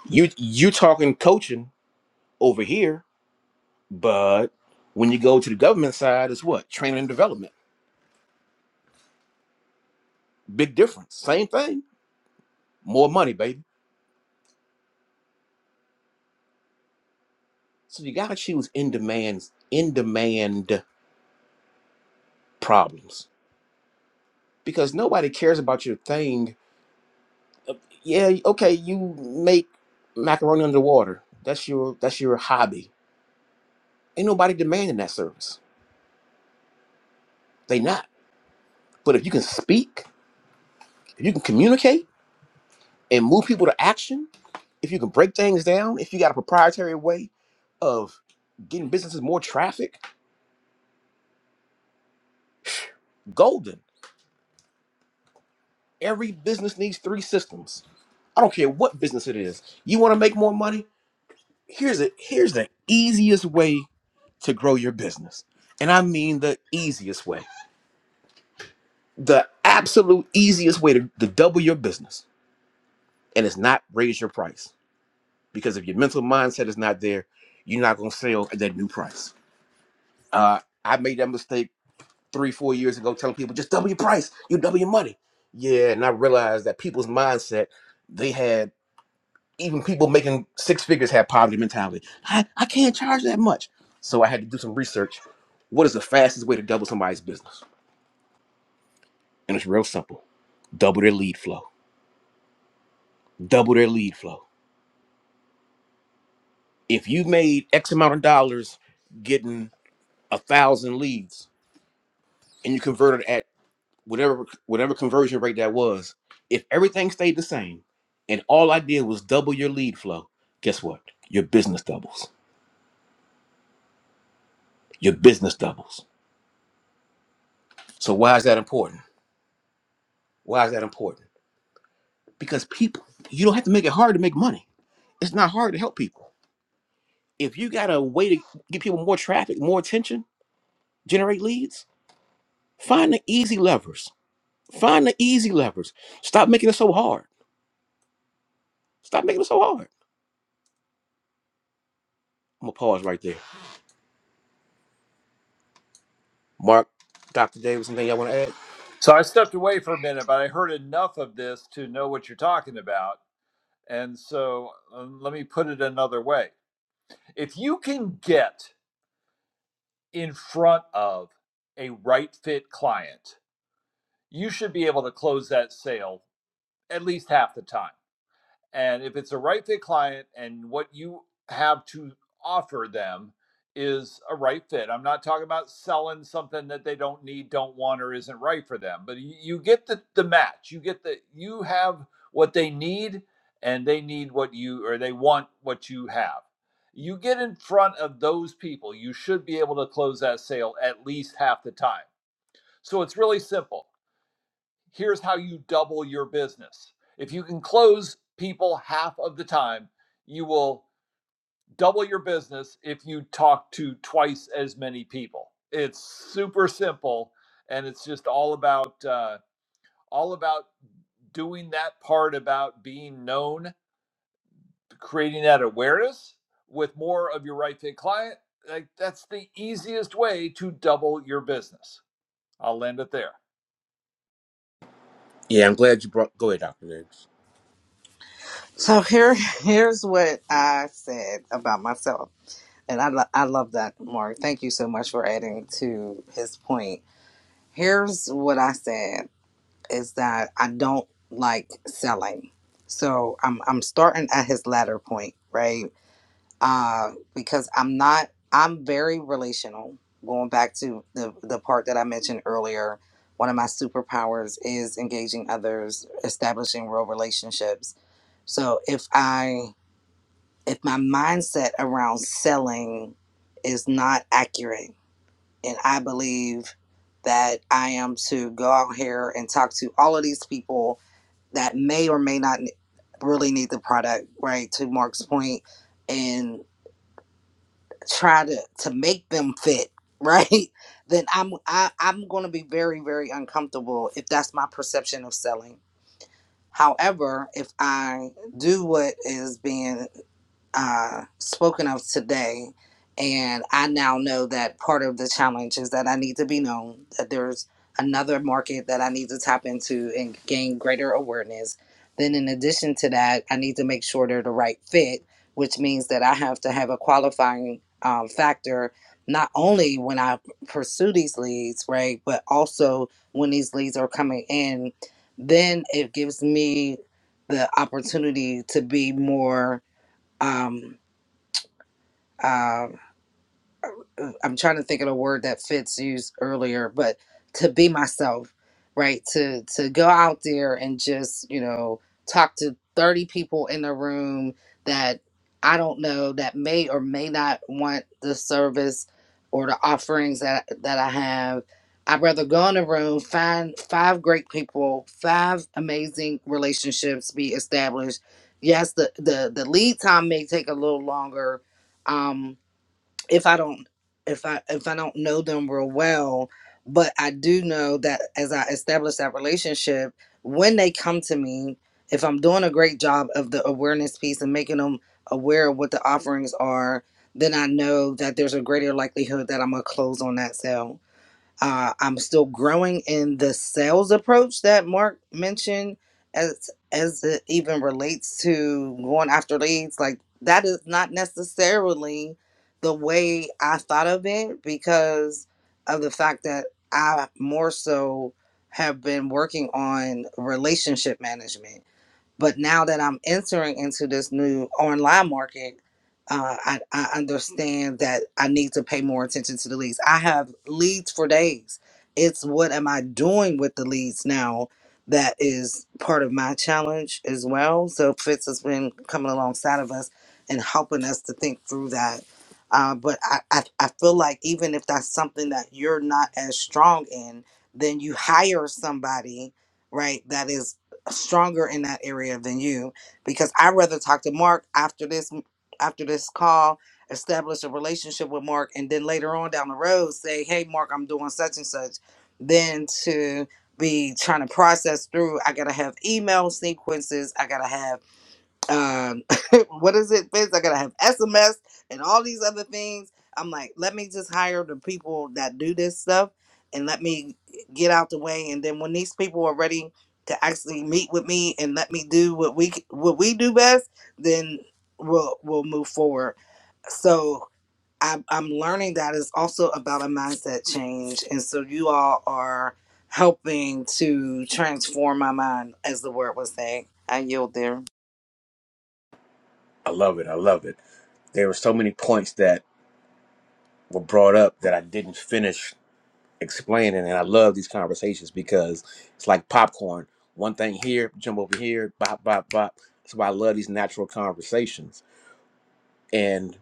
You you talking coaching over here, but when you go to the government side, it's what training and development. Big difference. Same thing. More money, baby. So you gotta choose in demand in demand problems because nobody cares about your thing yeah, okay, you make macaroni underwater. That's your that's your hobby. Ain't nobody demanding that service. They not. But if you can speak, if you can communicate and move people to action, if you can break things down, if you got a proprietary way of getting businesses more traffic, golden. Every business needs three systems. I don't care what business it is. You want to make more money? Here's it. Here's the easiest way to grow your business. And I mean the easiest way. the absolute easiest way to, to double your business and it's not raise your price because if your mental mindset is not there you're not going to sell at that new price uh, i made that mistake three four years ago telling people just double your price you double your money yeah and i realized that people's mindset they had even people making six figures had poverty mentality I, I can't charge that much so i had to do some research what is the fastest way to double somebody's business and it's real simple double their lead flow double their lead flow If you made X amount of dollars getting a thousand leads and you converted at whatever whatever conversion rate that was, if everything stayed the same and all I did was double your lead flow, guess what? Your business doubles. Your business doubles. So why is that important? Why is that important? Because people, you don't have to make it hard to make money. It's not hard to help people. If you got a way to get people more traffic, more attention, generate leads, find the easy levers Find the easy levers. Stop making it so hard. Stop making it so hard. I'm gonna pause right there. Mark, Dr. Davis, anything y'all want to add?
so i stepped away for a minute but i heard enough of this to know what you're talking about and so um, let me put it another way if you can get in front of a right fit client you should be able to close that sale at least half the time And if it's a right fit client and what you have to offer them is a right fit, I'm not talking about selling something that they don't need, don't want, or isn't right for them, but you, you get the, the match. You get the, you have what they need and they need what you, or they want what you have. You get in front of those people, you should be able to close that sale at least half the time. So it's really simple here's how you double your business. If you can close people half of the time, you will double your business if you talk to twice as many people. It's super simple, and it's just all about uh, all about doing that part about being known, creating that awareness with more of your right fit client. Like that's the easiest way to double your business. I'll land it there.
Yeah, I'm glad you brought. Go ahead, Doctor Davis.
So here, here's what I said about myself. And I, lo- I love that, Mark. Thank you so much for adding to his point. Here's what I said. is that I don't like selling. So I'm I'm starting at his latter point, right? Uh, because I'm not I'm very relational. Going back to the the part that I mentioned earlier, one of my superpowers is engaging others, establishing real relationships. So if I if my mindset around selling is not accurate and I believe that I am to go out here and talk to all of these people that may or may not really need the product, right? To Mark's point, and try to to make them fit, right? Then I'm I, I'm going to be very very uncomfortable if that's my perception of selling. However, if I do what is being uh, spoken of today. And I now know that part of the challenge is that I need to be known, that there's another market that I need to tap into and gain greater awareness. Then, in addition to that, I need to make sure they're the right fit, which means that I have to have a qualifying um, factor, not only when I pursue these leads, right, but also when these leads are coming in. Then it gives me the opportunity to be more um, Uh. I'm trying to think of the word that Fitz used earlier, but to be myself, right? To to go out there and just, you know, talk to 30 people in a room that I don't know that may or may not want the service or the offerings that that I have. I'd rather go in a room, find five great people, five amazing relationships be established. Yes, the the the lead time may take a little longer, um, if I don't if I if I don't know them real well, but I do know that as I establish that relationship, when they come to me, if I'm doing a great job of the awareness piece and making them aware of what the offerings are, then I know that there's a greater likelihood that I'm gonna close on that sale uh, I'm still growing in the sales approach that Mark mentioned, as as it even relates to going after leads. Like that is not necessarily the way I thought of it because of the fact that I more so have been working on relationship management but now that I'm entering into this new online market, uh, I, I understand that I need to pay more attention to the leads. I have leads for days. It's what am I doing with the leads now that is part of my challenge as well. So Fitz has been coming alongside of us and helping us to think through that. Uh, but I, I, I feel like even if that's something that you're not as strong in, then you hire somebody, right, that is stronger in that area than you because I'd rather talk to Mark after this after this call, establish a relationship with Mark, and then later on down the road say, Hey Mark, I'm doing such and such than to be trying to process through I gotta have email sequences, I gotta have um what is it Fizz? i gotta have sms and all these other things i'm like let me just hire the people that do this stuff and let me get out the way and then when these people are ready to actually meet with me and let me do what we what we do best then we'll we'll move forward so I, i'm learning that it's also about a mindset change and so you all are helping to transform my mind as the word was saying i yield there
I love it. I love it. There were so many points that were brought up that I didn't finish explaining, and I love these conversations because it's like popcorn. One thing here, jump over here, bop, bop, bop. That's why I love these natural conversations. And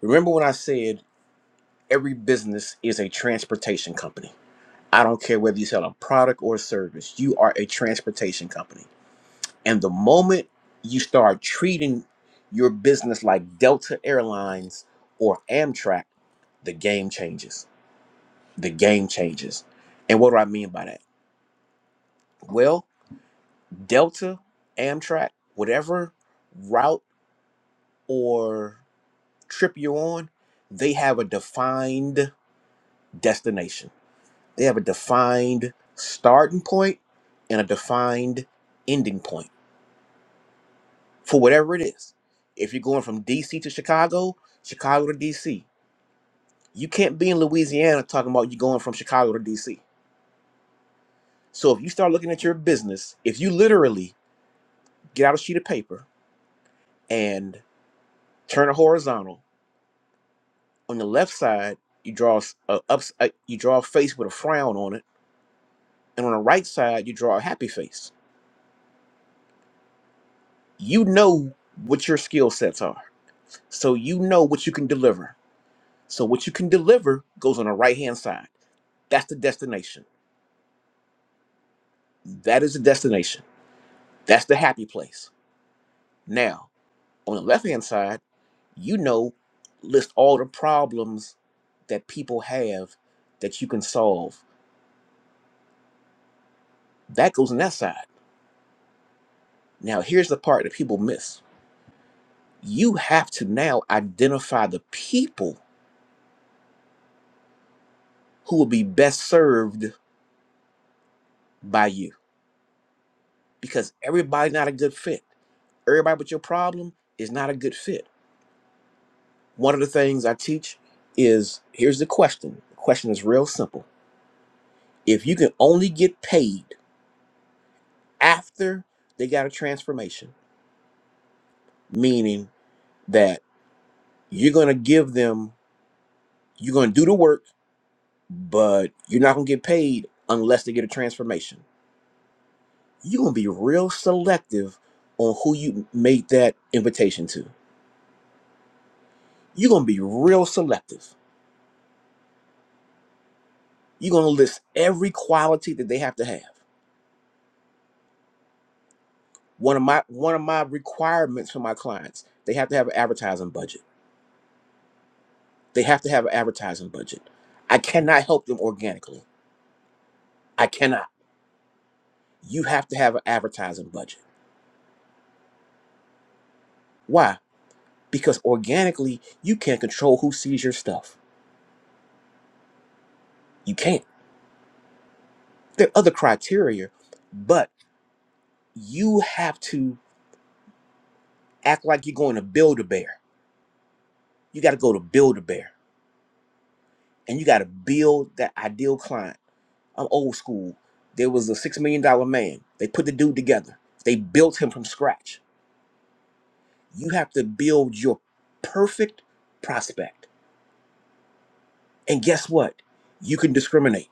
remember when I said every business is a transportation company. I don't care whether you sell a product or a service, you are a transportation company. And the moment you start treating your business like Delta Airlines or Amtrak, the game changes. The game changes. And what do I mean by that? Well, Delta, Amtrak, whatever route or trip you're on, they have a defined destination. They have a defined starting point and a defined ending point for whatever it is. If you're going from DC to Chicago, Chicago to DC, you can't be in Louisiana talking about you going from Chicago to DC. So if you start looking at your business, if you literally get out a sheet of paper and turn it horizontal, on the left side you draw s- a ups, a, you draw a face with a frown on it, and on the right side you draw a happy face. You know what your skill sets are, so you know what you can deliver. So what you can deliver goes on the right hand side. That's the destination That is the destination. That's the happy place. Now, on the left hand side, you know, list all the problems that people have that you can solve. That goes on that side. Now, here's the part that people miss you have to now identify the people who will be best served by you because everybody's not a good fit. Everybody with your problem is not a good fit. One of the things I teach is here's the question. The question is real simple If you can only get paid after they got a transformation, meaning that you're going to give them, you're going to do the work, but you're not going to get paid unless they get a transformation. You're going to be real selective on who you made that invitation to. You're going to be real selective. You're going to list every quality that they have to have. One of my one of my requirements for my clients, they have to have an advertising budget They have to have an advertising budget. I cannot help them organically. I cannot. You have to have an advertising budget. Why? Because organically, you can't control who sees your stuff. You can't. There are other criteria, but you have to act like you're going to build a bear. You got to go to build a bear and you got to build that ideal client. I'm old school. There was a $6 million dollar man. They put the dude together, they built him from scratch You have to build your perfect prospect. And guess what? You can discriminate.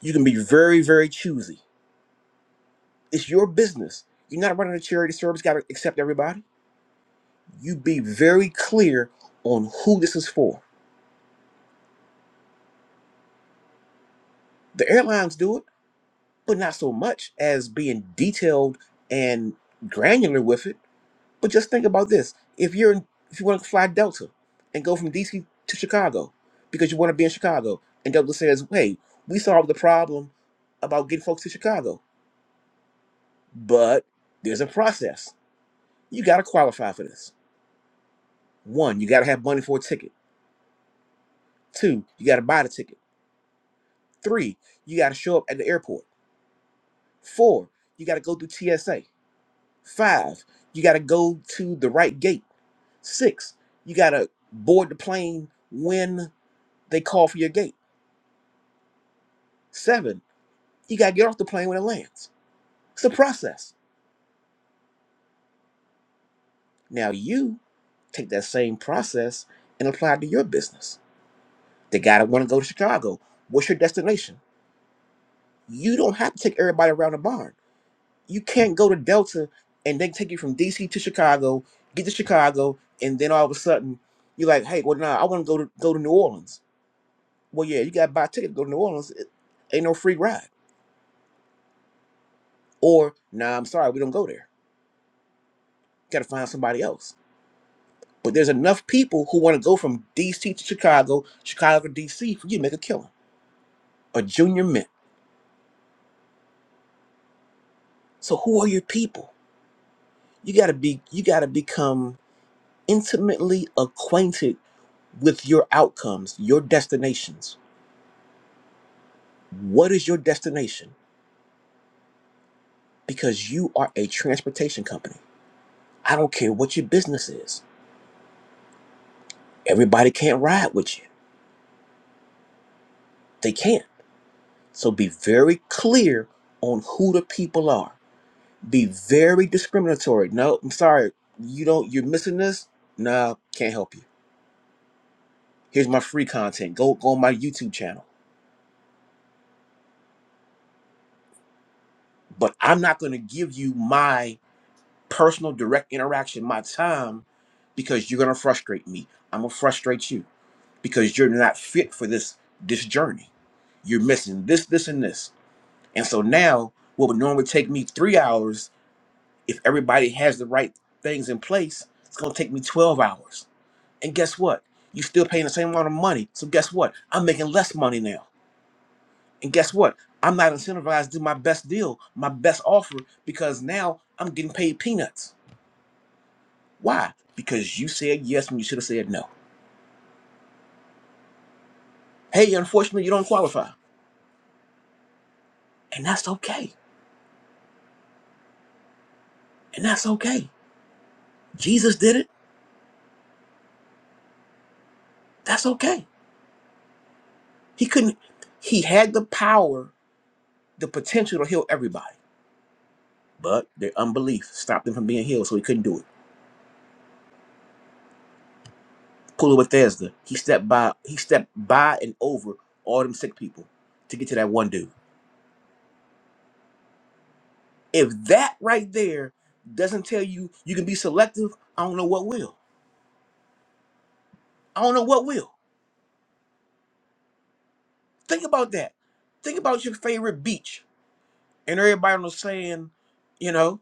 You can be very, very choosy. It's your business. You're not running a charity service, got to accept everybody. You be very clear on who this is for. The airlines do it, but not so much as being detailed and granular with it But just think about this: if you're in, if you want to fly Delta and go from DC to Chicago because you want to be in Chicago, and Delta says, "Hey, we solved the problem about getting folks to Chicago, but there's a process. You got to qualify for this. One, you got to have money for a ticket. Two, you got to buy the ticket. Three, you got to show up at the airport. Four, you got to go through TSA. Five, you got to go to the right gate. Six, you got to board the plane when they call for your gate." Seven, you got to get off the plane when it lands. It's a process. Now you take that same process and apply it to your business. The guy that want to go to Chicago, what's your destination? You don't have to take everybody around the barn. You can't go to Delta and then take you from DC to Chicago, get to Chicago, and then all of a sudden you're like, hey, well, nah, I want to go to go to New Orleans. Well, yeah, you got to buy a ticket to go to New Orleans. It ain't no free ride. Or, nah, I'm sorry, we don't go there. Got to find somebody else But there's enough people who want to go from DC to Chicago, Chicago to DC for you to make a killer, a junior mint. So who are your people? You gotta be you gotta become intimately acquainted with your outcomes, your destinations. What is your destination? Because you are a transportation company. I don't care what your business is. Everybody can't ride with you. They can't. So be very clear on who the people are be very discriminatory. No, I'm sorry, you don't. You're missing this. No, can't help you. Here's my free content. Go go on my YouTube channel. But I'm not going to give you my personal direct interaction, my time, because you're going to frustrate me. I'm gonna frustrate you because you're not fit for this this journey. You're missing this, this, and this. And so now, what would normally take me three hours, if everybody has the right things in place, it's going to take me 12 hours And guess what? You still paying the same amount of money. So guess what? I'm making less money now. And guess what? I'm not incentivized to do my best deal, my best offer, because now I'm getting paid peanuts. Why? Because you said yes when you should have said no. Hey, unfortunately, you don't qualify. And that's okay. And that's okay. Jesus did it. That's okay. He couldn't, he had the power, the potential to heal everybody. But their unbelief stopped him from being healed, so he couldn't do it. pool of Bethesda. He stepped by he stepped by and over all them sick people to get to that one dude. If that right there doesn't tell you you can be selective, I don't know what will. I don't know what will. Think about that. Think about your favorite beach and everybody was saying, you know,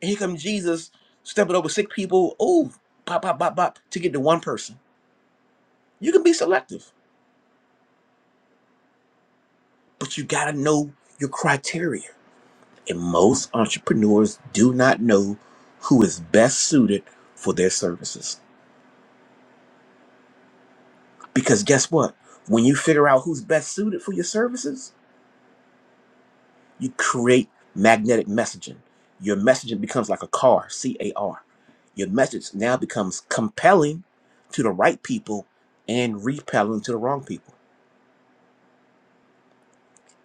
and here comes Jesus stepping over sick people. Oh, pop, pop, pop, pop, to get to one person. You can be selective, but you gotta know your criteria. and most entrepreneurs do not know who is best suited for their services. Because guess what? When you figure out who's best suited for your services, you create magnetic messaging. Your messaging becomes like a car, C A R. Your message now becomes compelling to the right people and repelling to the wrong people.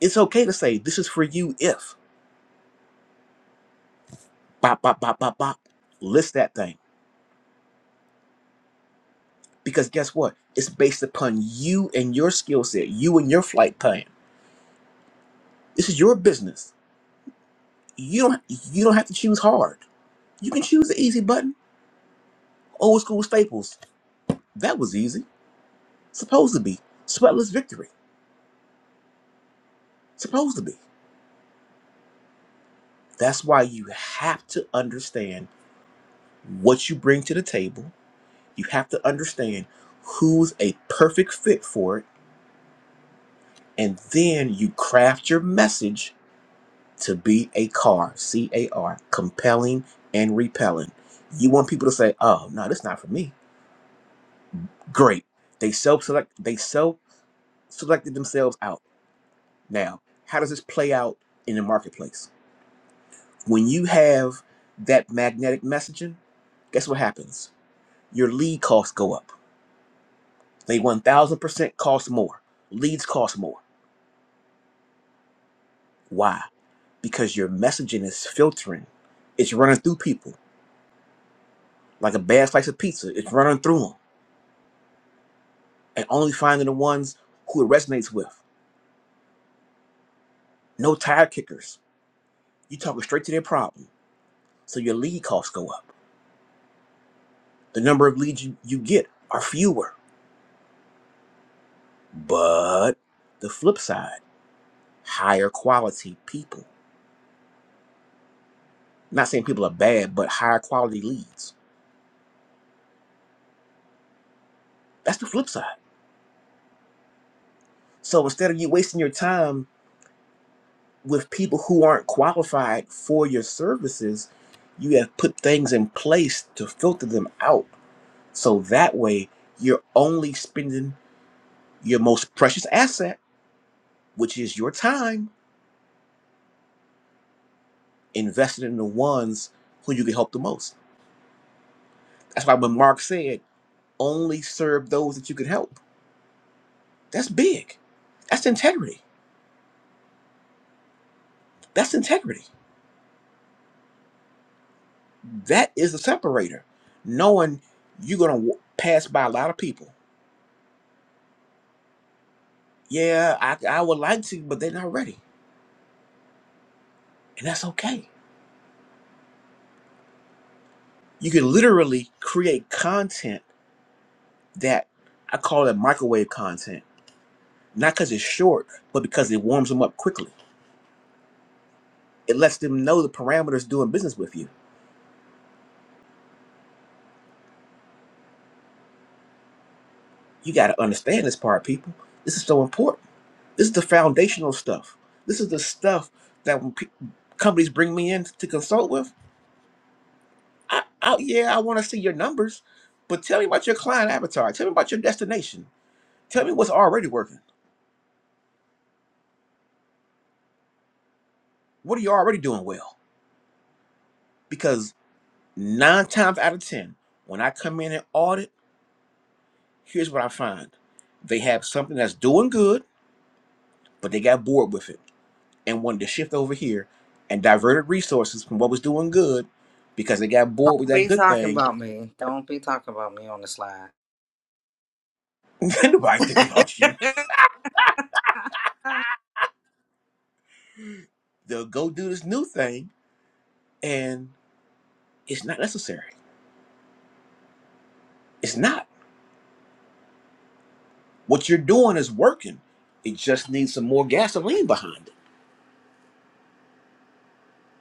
It's okay to say, This is for you if, bop, bop, bop, bop, bop. List that thing. Because guess what? It's based upon you and your skill set, you and your flight plan This is your business. You don't you don't have to choose hard. You can choose the easy button. Old school staples. That was easy. Supposed to be. Sweatless victory. Supposed to be. That's why you have to understand what you bring to the table. You have to understand who's a perfect fit for it. And then you craft your message to be a car, C A R, compelling and repelling. You want people to say, oh, no, that's not for me. Great they self select they self selected themselves out. Now, how does this play out in the marketplace? When you have that magnetic messaging, guess what happens? Your lead costs go up. They 1000% cost more. Leads cost more. Why? Because your messaging is filtering. It's running through people like a bad slice of pizza. It's running through them and only finding the ones who it resonates with. No tire kickers. You talking straight to their problem. So your lead costs go up. The number of leads you, you get are fewer But the flip side, higher quality people. Not saying people are bad, but higher quality leads. That's the flip side. So instead of you wasting your time with people who aren't qualified for your services, you have put things in place to filter them out. So that way, you're only spending your most precious asset, which is your time, invested in the ones who you can help the most. That's why when Mark said, only serve those that you can help That's big. That's integrity. That's integrity. That is the separator. Knowing you're gonna w- pass by a lot of people. Yeah, I, I would like to, but they're not ready, and that's okay. You can literally create content that I call it microwave content, not because it's short, but because it warms them up quickly. It lets them know the parameters doing business with you. You got to understand this part, people. This is so important. This is the foundational stuff. This is the stuff that when pe- companies bring me in to consult with. I, I, yeah, I want to see your numbers, but tell me about your client avatar. Tell me about your destination. Tell me what's already working. What are you already doing well? Because nine times out of 10, when I come in and audit, here's what I find they have something that's doing good, but they got bored with it and wanted to shift over here and diverted resources from what was doing good because they got bored with that
be
good
talking
thing.
about me. Don't be talking about me on the slide.
Nobody thinking about you. They'll go do this new thing and it's not necessary. It's not. What you're doing is working. It just needs some more gasoline behind it.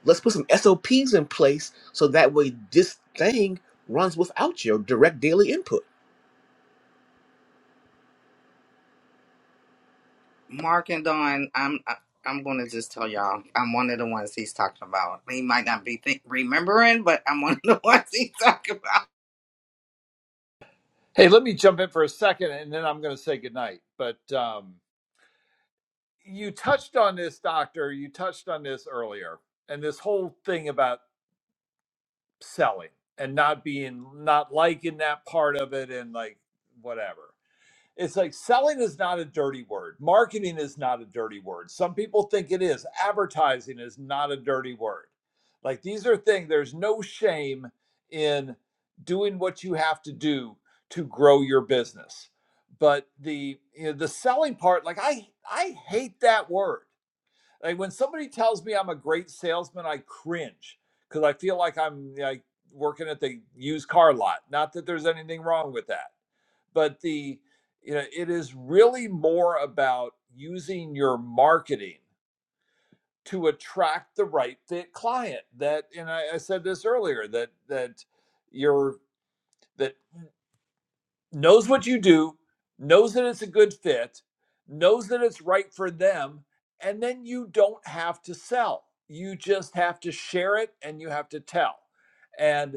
Let's put some SOPs in place so that way this thing runs without your direct daily input.
Mark and Dawn, I'm I- I'm gonna just tell y'all, I'm one of the ones he's talking about. He might not be think remembering, but I'm one of the ones he's talking about.
Hey, let me jump in for a second, and then I'm going to say goodnight. But um, you touched on this, doctor. You touched on this earlier, and this whole thing about selling and not being, not liking that part of it, and like whatever. It's like selling is not a dirty word. Marketing is not a dirty word. Some people think it is. Advertising is not a dirty word. Like these are things, there's no shame in doing what you have to do to grow your business. But the you know, the selling part, like I I hate that word like when somebody tells me I'm a great salesman, I cringe because I feel like I'm like working at the used car lot. Not that there's anything wrong with that, but the you know it is really more about using your marketing to attract the right fit client. That and I, I said this earlier that that your that knows what you do, knows that it's a good fit, knows that it's right for them, and then you don't have to sell. You just have to share it and you have to tell. And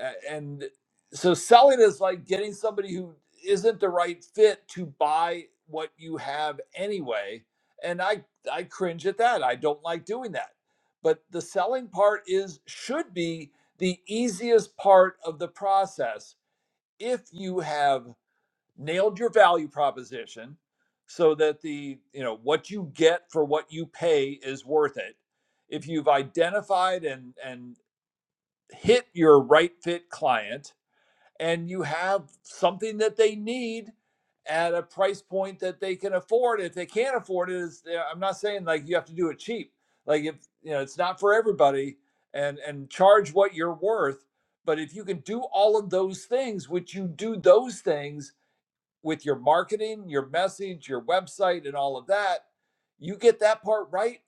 uh, and so selling is like getting somebody who isn't the right fit to buy what you have anyway. And I I cringe at that. I don't like doing that. But the selling part is should be the easiest part of the process if you have nailed your value proposition so that the you know what you get for what you pay is worth it if you've identified and and hit your right fit client and you have something that they need at a price point that they can afford if they can't afford it is yeah, i'm not saying like you have to do it cheap like if you know it's not for everybody and and charge what you're worth but if you can do all of those things which you do those things with your marketing, your message, your website, and all of that, you get that part right.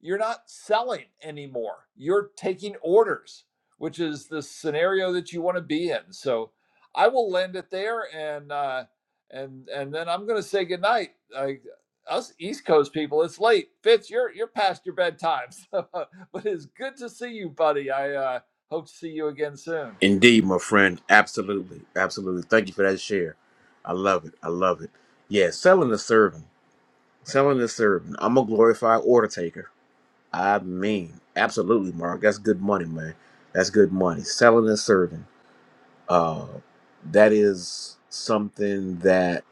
You're not selling anymore. You're taking orders, which is the scenario that you want to be in. So I will land it there, and uh, and and then I'm going to say goodnight. I, us East Coast people, it's late. Fitz, you're you're past your bedtime, so, but it's good to see you, buddy. I uh, hope to see you again soon.
Indeed, my friend. Absolutely. Absolutely. Thank you for that share. I love it. I love it. Yeah, selling the serving. Selling this service. I'm a glorified order taker. I mean, absolutely, Mark. That's good money, man. That's good money. Selling and serving. Uh, that is something that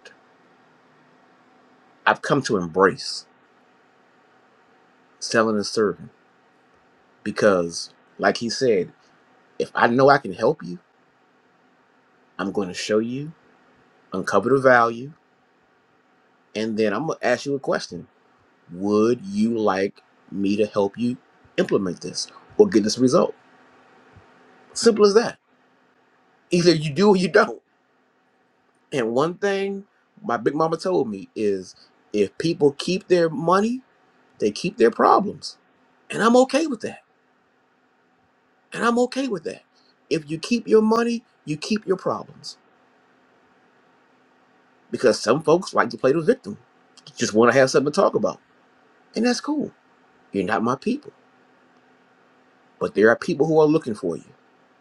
I've come to embrace. Selling and serving. Because, like he said, if I know I can help you, I'm going to show you, uncover the value, and then I'm going to ask you a question. Would you like me to help you implement this or get this result? Simple as that. Either you do or you don't And one thing my big mama told me is if people keep their money, they keep their problems. And I'm okay with that. And I'm okay with that. If you keep your money, you keep your problems. Because some folks like to play the victim, just want to have something to talk about. And that's cool. You're not my people. But there are people who are looking for you.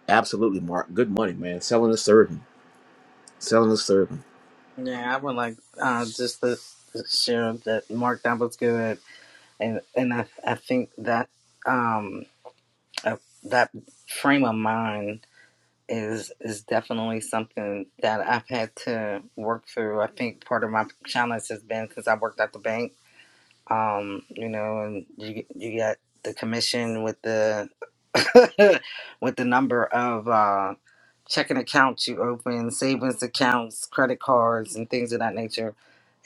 Absolutely, Mark. Good money, man. Selling is serving. Selling is serving.
Yeah, I would like uh, just to share that Mark that was good, and and I I think that um uh, that frame of mind is is definitely something that I've had to work through. I think part of my challenge has been since I worked at the bank, um, you know, and you you got the commission with the with the number of uh, checking accounts you open, savings accounts, credit cards, and things of that nature.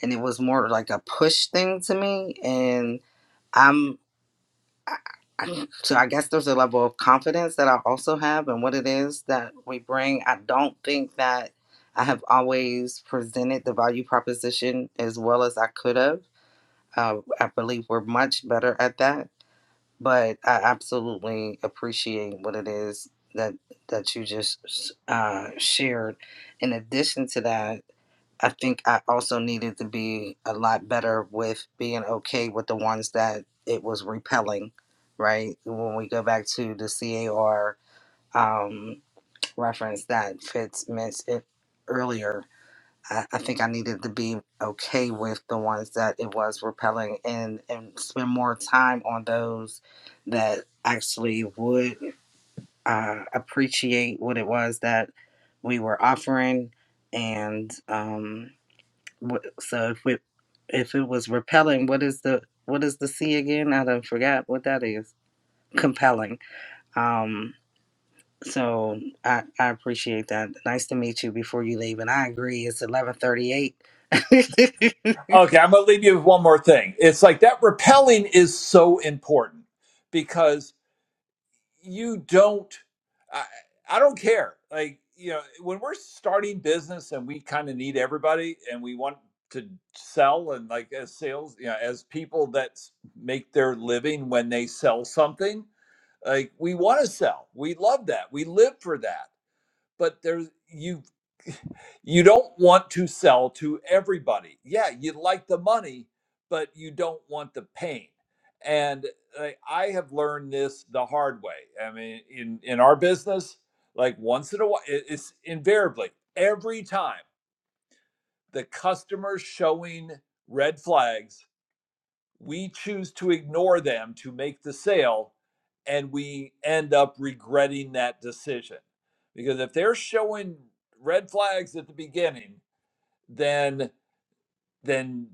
And it was more like a push thing to me, and I'm. I- I, so I guess there's a level of confidence that I also have and what it is that we bring. I don't think that I have always presented the value proposition as well as I could have. Uh, I believe we're much better at that, but I absolutely appreciate what it is that that you just uh, shared. In addition to that, I think I also needed to be a lot better with being okay with the ones that it was repelling, right? When we go back to the CAR um, reference that Fitz mentioned it earlier, I, I think I needed to be okay with the ones that it was repelling and, and spend more time on those that actually would uh, appreciate what it was that we were offering and. um, what- So if it if it was repelling, what is the what is the C again? I done forgot what that is. Compelling. Um. So I I appreciate that. Nice to meet you. Before you leave, and I agree. It's eleven thirty eight.
Okay, I'm going to leave you with one more thing. It's like that repelling is so important because you don't, I, I don't care. Like, you know, when we're starting business and we kind of need everybody and we want to sell and like as sales, you know, as people that s- make their living when they sell something, like we want to sell. We love that. We live for that. But there's you. you don't want to sell to everybody. Yeah, you like the money, but you don't want the pain. And I I have learned this the hard way. I mean, in in our business, like once in a while, it- it's invariably every time the customer's showing red flags, we choose to ignore them to make the sale, and we end up regretting that decision because if they're showing red flags at the beginning then then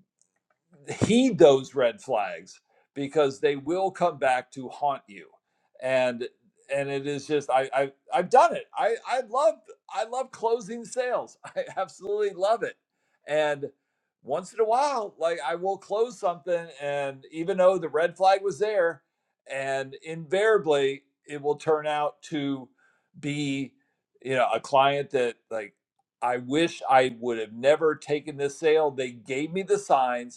heed those red flags because they will come back to haunt you and and it is just i, I i've done it i i love i love closing sales i absolutely love it and once in a while like i will close something and even though the red flag was there and invariably it will turn out to be you know a client that like i wish i would have never taken this sale they gave me the signs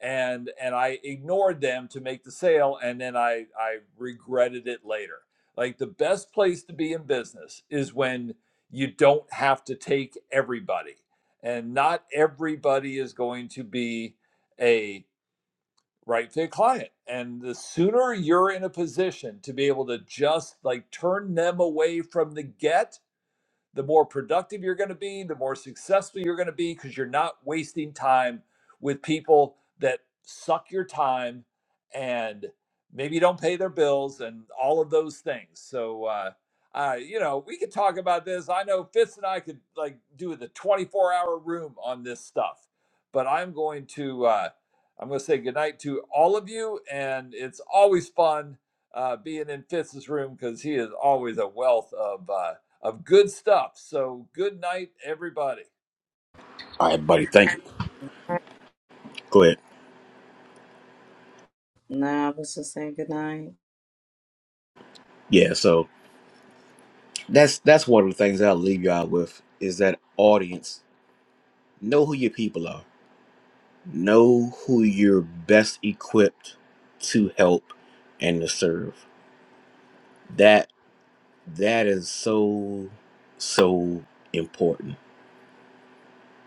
and and I ignored them to make the sale and then I I regretted it later. Like the best place to be in business is when you don't have to take everybody. And not everybody is going to be a right fit client. And the sooner you're in a position to be able to just like turn them away from the get, the more productive you're going to be, the more successful you're going to be because you're not wasting time with people that suck your time and maybe don't pay their bills and all of those things. So, uh, uh, you know, we could talk about this. I know Fitz and I could like do the 24 hour room on this stuff, but I'm going to, uh, I'm going to say goodnight to all of you. And it's always fun uh, being in Fitz's room because he is always a wealth of, uh, of good stuff. So good night, everybody.
All right, buddy. Thank you. Go ahead.
No, I was just saying good night.
Yeah. So. That's that's one of the things that I'll leave y'all with is that audience, know who your people are. Know who you're best equipped to help and to serve. That that is so so important.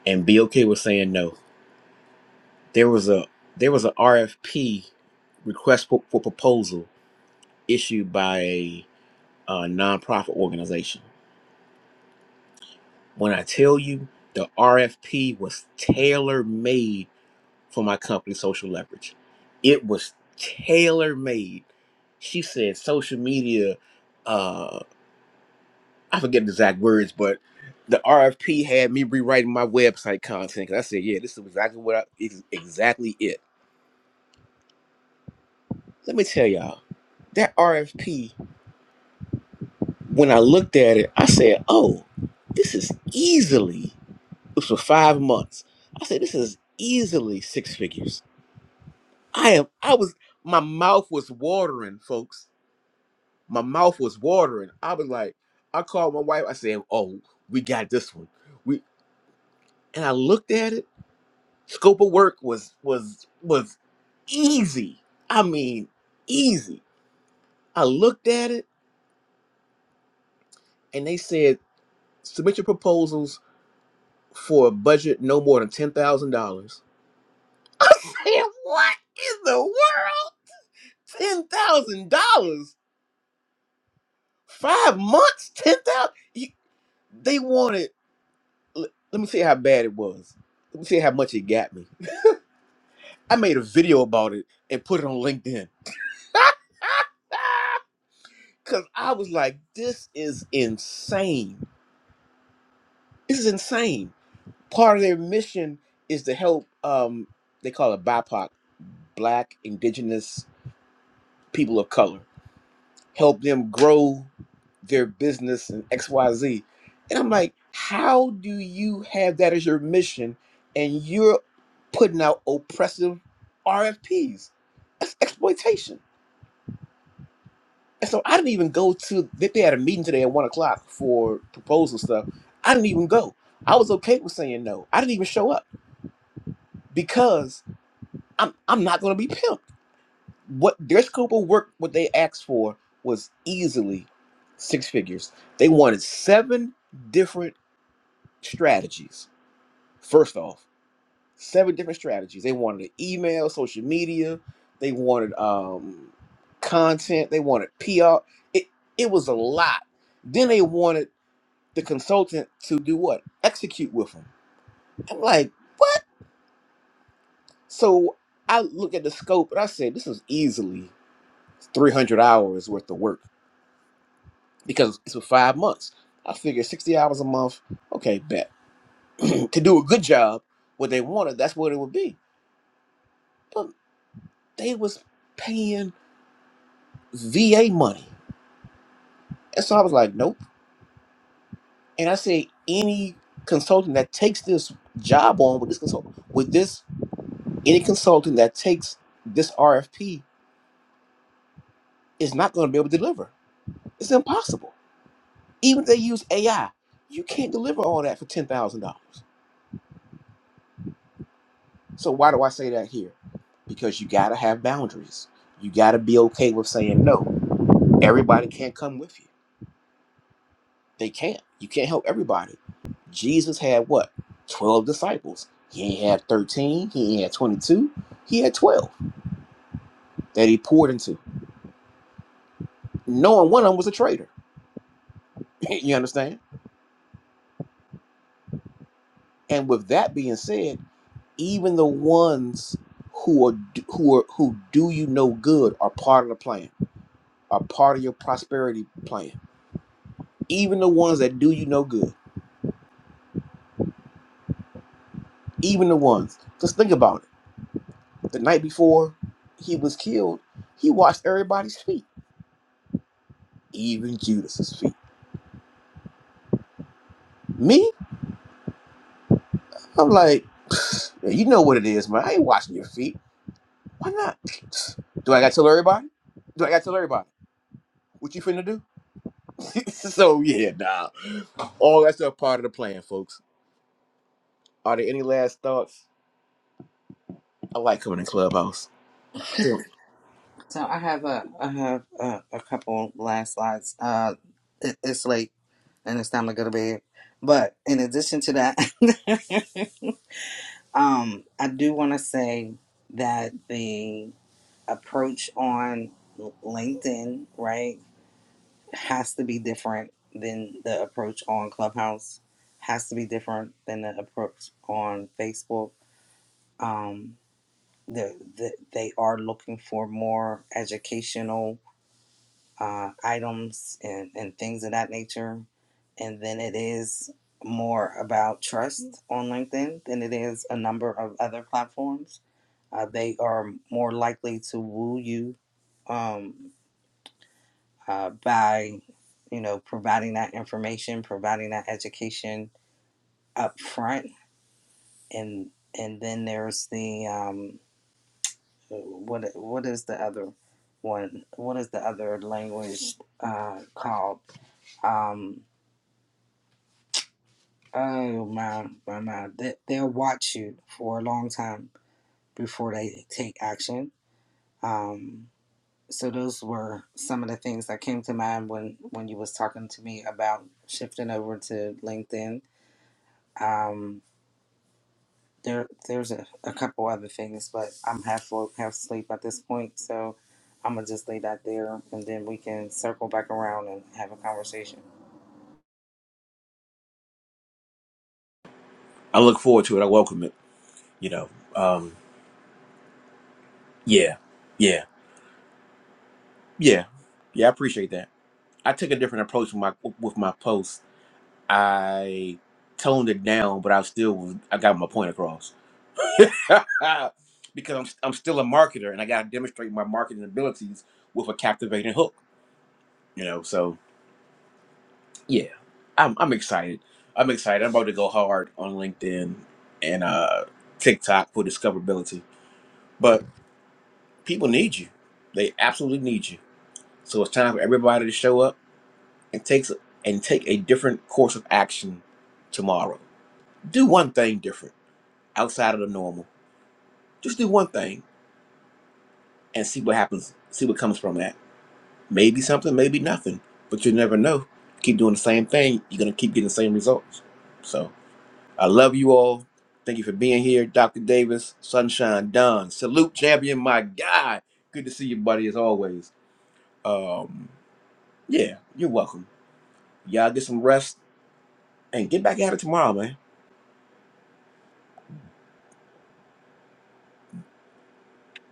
And be okay with saying no. There was a there was a RFP request for, for proposal issued by a, a nonprofit organization. When I tell you the RFP was tailor made for my company, Social Leverage. It was tailor made. She said social media, uh, I forget the exact words, but the RFP had me rewriting my website content. 'cause I said, yeah, this is exactly what I, is exactly it. Let me tell y'all, that RFP, when I looked at it, I said, oh, this is easily, this was for five months. I said, this is easily six figures. I am, I was, my mouth was watering, folks my mouth was watering. I was like, I called my wife. I said, "Oh, we got this one." We and I looked at it. Scope of work was was was easy. I mean, easy. I looked at it, and they said, "Submit your proposals for a budget no more than ten thousand dollars." Damn! What in the world? Ten thousand dollars? Five months? Ten thousand? They wanted. Let let me see how bad it was. Let me see how much it got me. I made a video about it and put it on LinkedIn. Cause I was like, this is insane. This is insane. Part of their mission is to help um they call it BIPOC, black, indigenous, people of color, help them grow their business and XYZ. And I'm like, how do you have that as your mission and you're putting out oppressive RFPs? That's exploitation. And so I didn't even go to they, they had a meeting today at one o'clock for proposal stuff. I didn't even go. I was okay with saying no. I didn't even show up because I'm I'm not gonna be pimped. What their scope of work, what they asked for was easily six figures. They wanted seven different strategies. First off, seven different strategies. They wanted an email, social media, they wanted um content, they wanted PR. It it was a lot. Then they wanted the consultant to do what? Execute with them. I'm like, what? So I look at the scope and I said, this is easily 300 hours worth of work because it's for five months. I figured 60 hours a month. Okay, bet. to do a good job, what they wanted, that's what it would be. But they was paying VA money. And so I was like, nope. And I said, any consultant that takes this job on with this consultant, with this, any consultant that takes this RFP is not going to be able to deliver. It's impossible. Even if they use AI, you can't deliver all that for ten thousand dollars. So why do I say that here? Because you got to have boundaries. You got to be okay with saying no. Everybody can't come with you. They can't. You can't help everybody. Jesus had what? Twelve disciples. He ain't had thirteen. He ain't had twenty-two. He had twelve that he poured into, knowing one of them was a traitor. you understand? And with that being said. Even the ones who are who are who do you no good are part of the plan, are part of your prosperity plan. Even the ones that do you no good, even the ones. Just think about it. The night before he was killed, he washed everybody's feet, even Judas's feet. Me, I'm like, "Pfft, "Man, you know what it is, man. I ain't washing your feet. Why not? Pfft, Do I gotta tell everybody? Do I gotta tell everybody? What you finna do? so yeah, nah. All that's a part of the plan, folks. Are there any last thoughts? I like coming in Clubhouse.
So I have a I have a, a couple last slides. Uh, it, it's late and it's time to go to bed. But in addition to that, um, I do want to say that the approach on LinkedIn, right, has to be different than the approach on Clubhouse, has to be different than the approach on Facebook. Um, the, the, they are looking for more educational uh, items and, and things of that nature. And then it is more about trust on LinkedIn than it is a number of other platforms. Uh, they are more likely to woo you um, uh, by you know providing that information, providing that education up front, and and then there's the um, what what is the other one? What is the other language uh, called? Um, oh my my my! They, they'll watch you for a long time before they take action. Um, so those were some of the things that came to mind when when you was talking to me about shifting over to LinkedIn Um, there, there's a, a couple other things, but I'm half woke, half asleep at this point, so I'm gonna just lay that there, and then we can circle back around and have a conversation.
I look forward to it. I welcome it. You know, um, yeah, yeah, yeah, yeah. I appreciate that. I took a different approach with my with my post. I toned it down, but I still I got my point across because I'm I'm still a marketer and I got to demonstrate my marketing abilities with a captivating hook. You know, so yeah, I'm I'm excited. I'm excited. I'm about to go hard on LinkedIn and uh TikTok for discoverability But people need you. They absolutely need you. So it's time for everybody to show up and takes and take a different course of action tomorrow. Do one thing different outside of the normal. Just do one thing and see what happens. See what comes from that. Maybe something, maybe nothing. But you never know. Keep doing the same thing, you're gonna keep getting the same results. So I love you all. Thank you for being here, Dr. Davis, Sunshine Don. Salute champion, my guy. Good to see you, buddy, as always. Um Yeah, you're welcome. Y'all get some rest and get back at it tomorrow, man.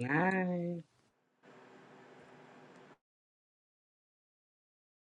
Bye.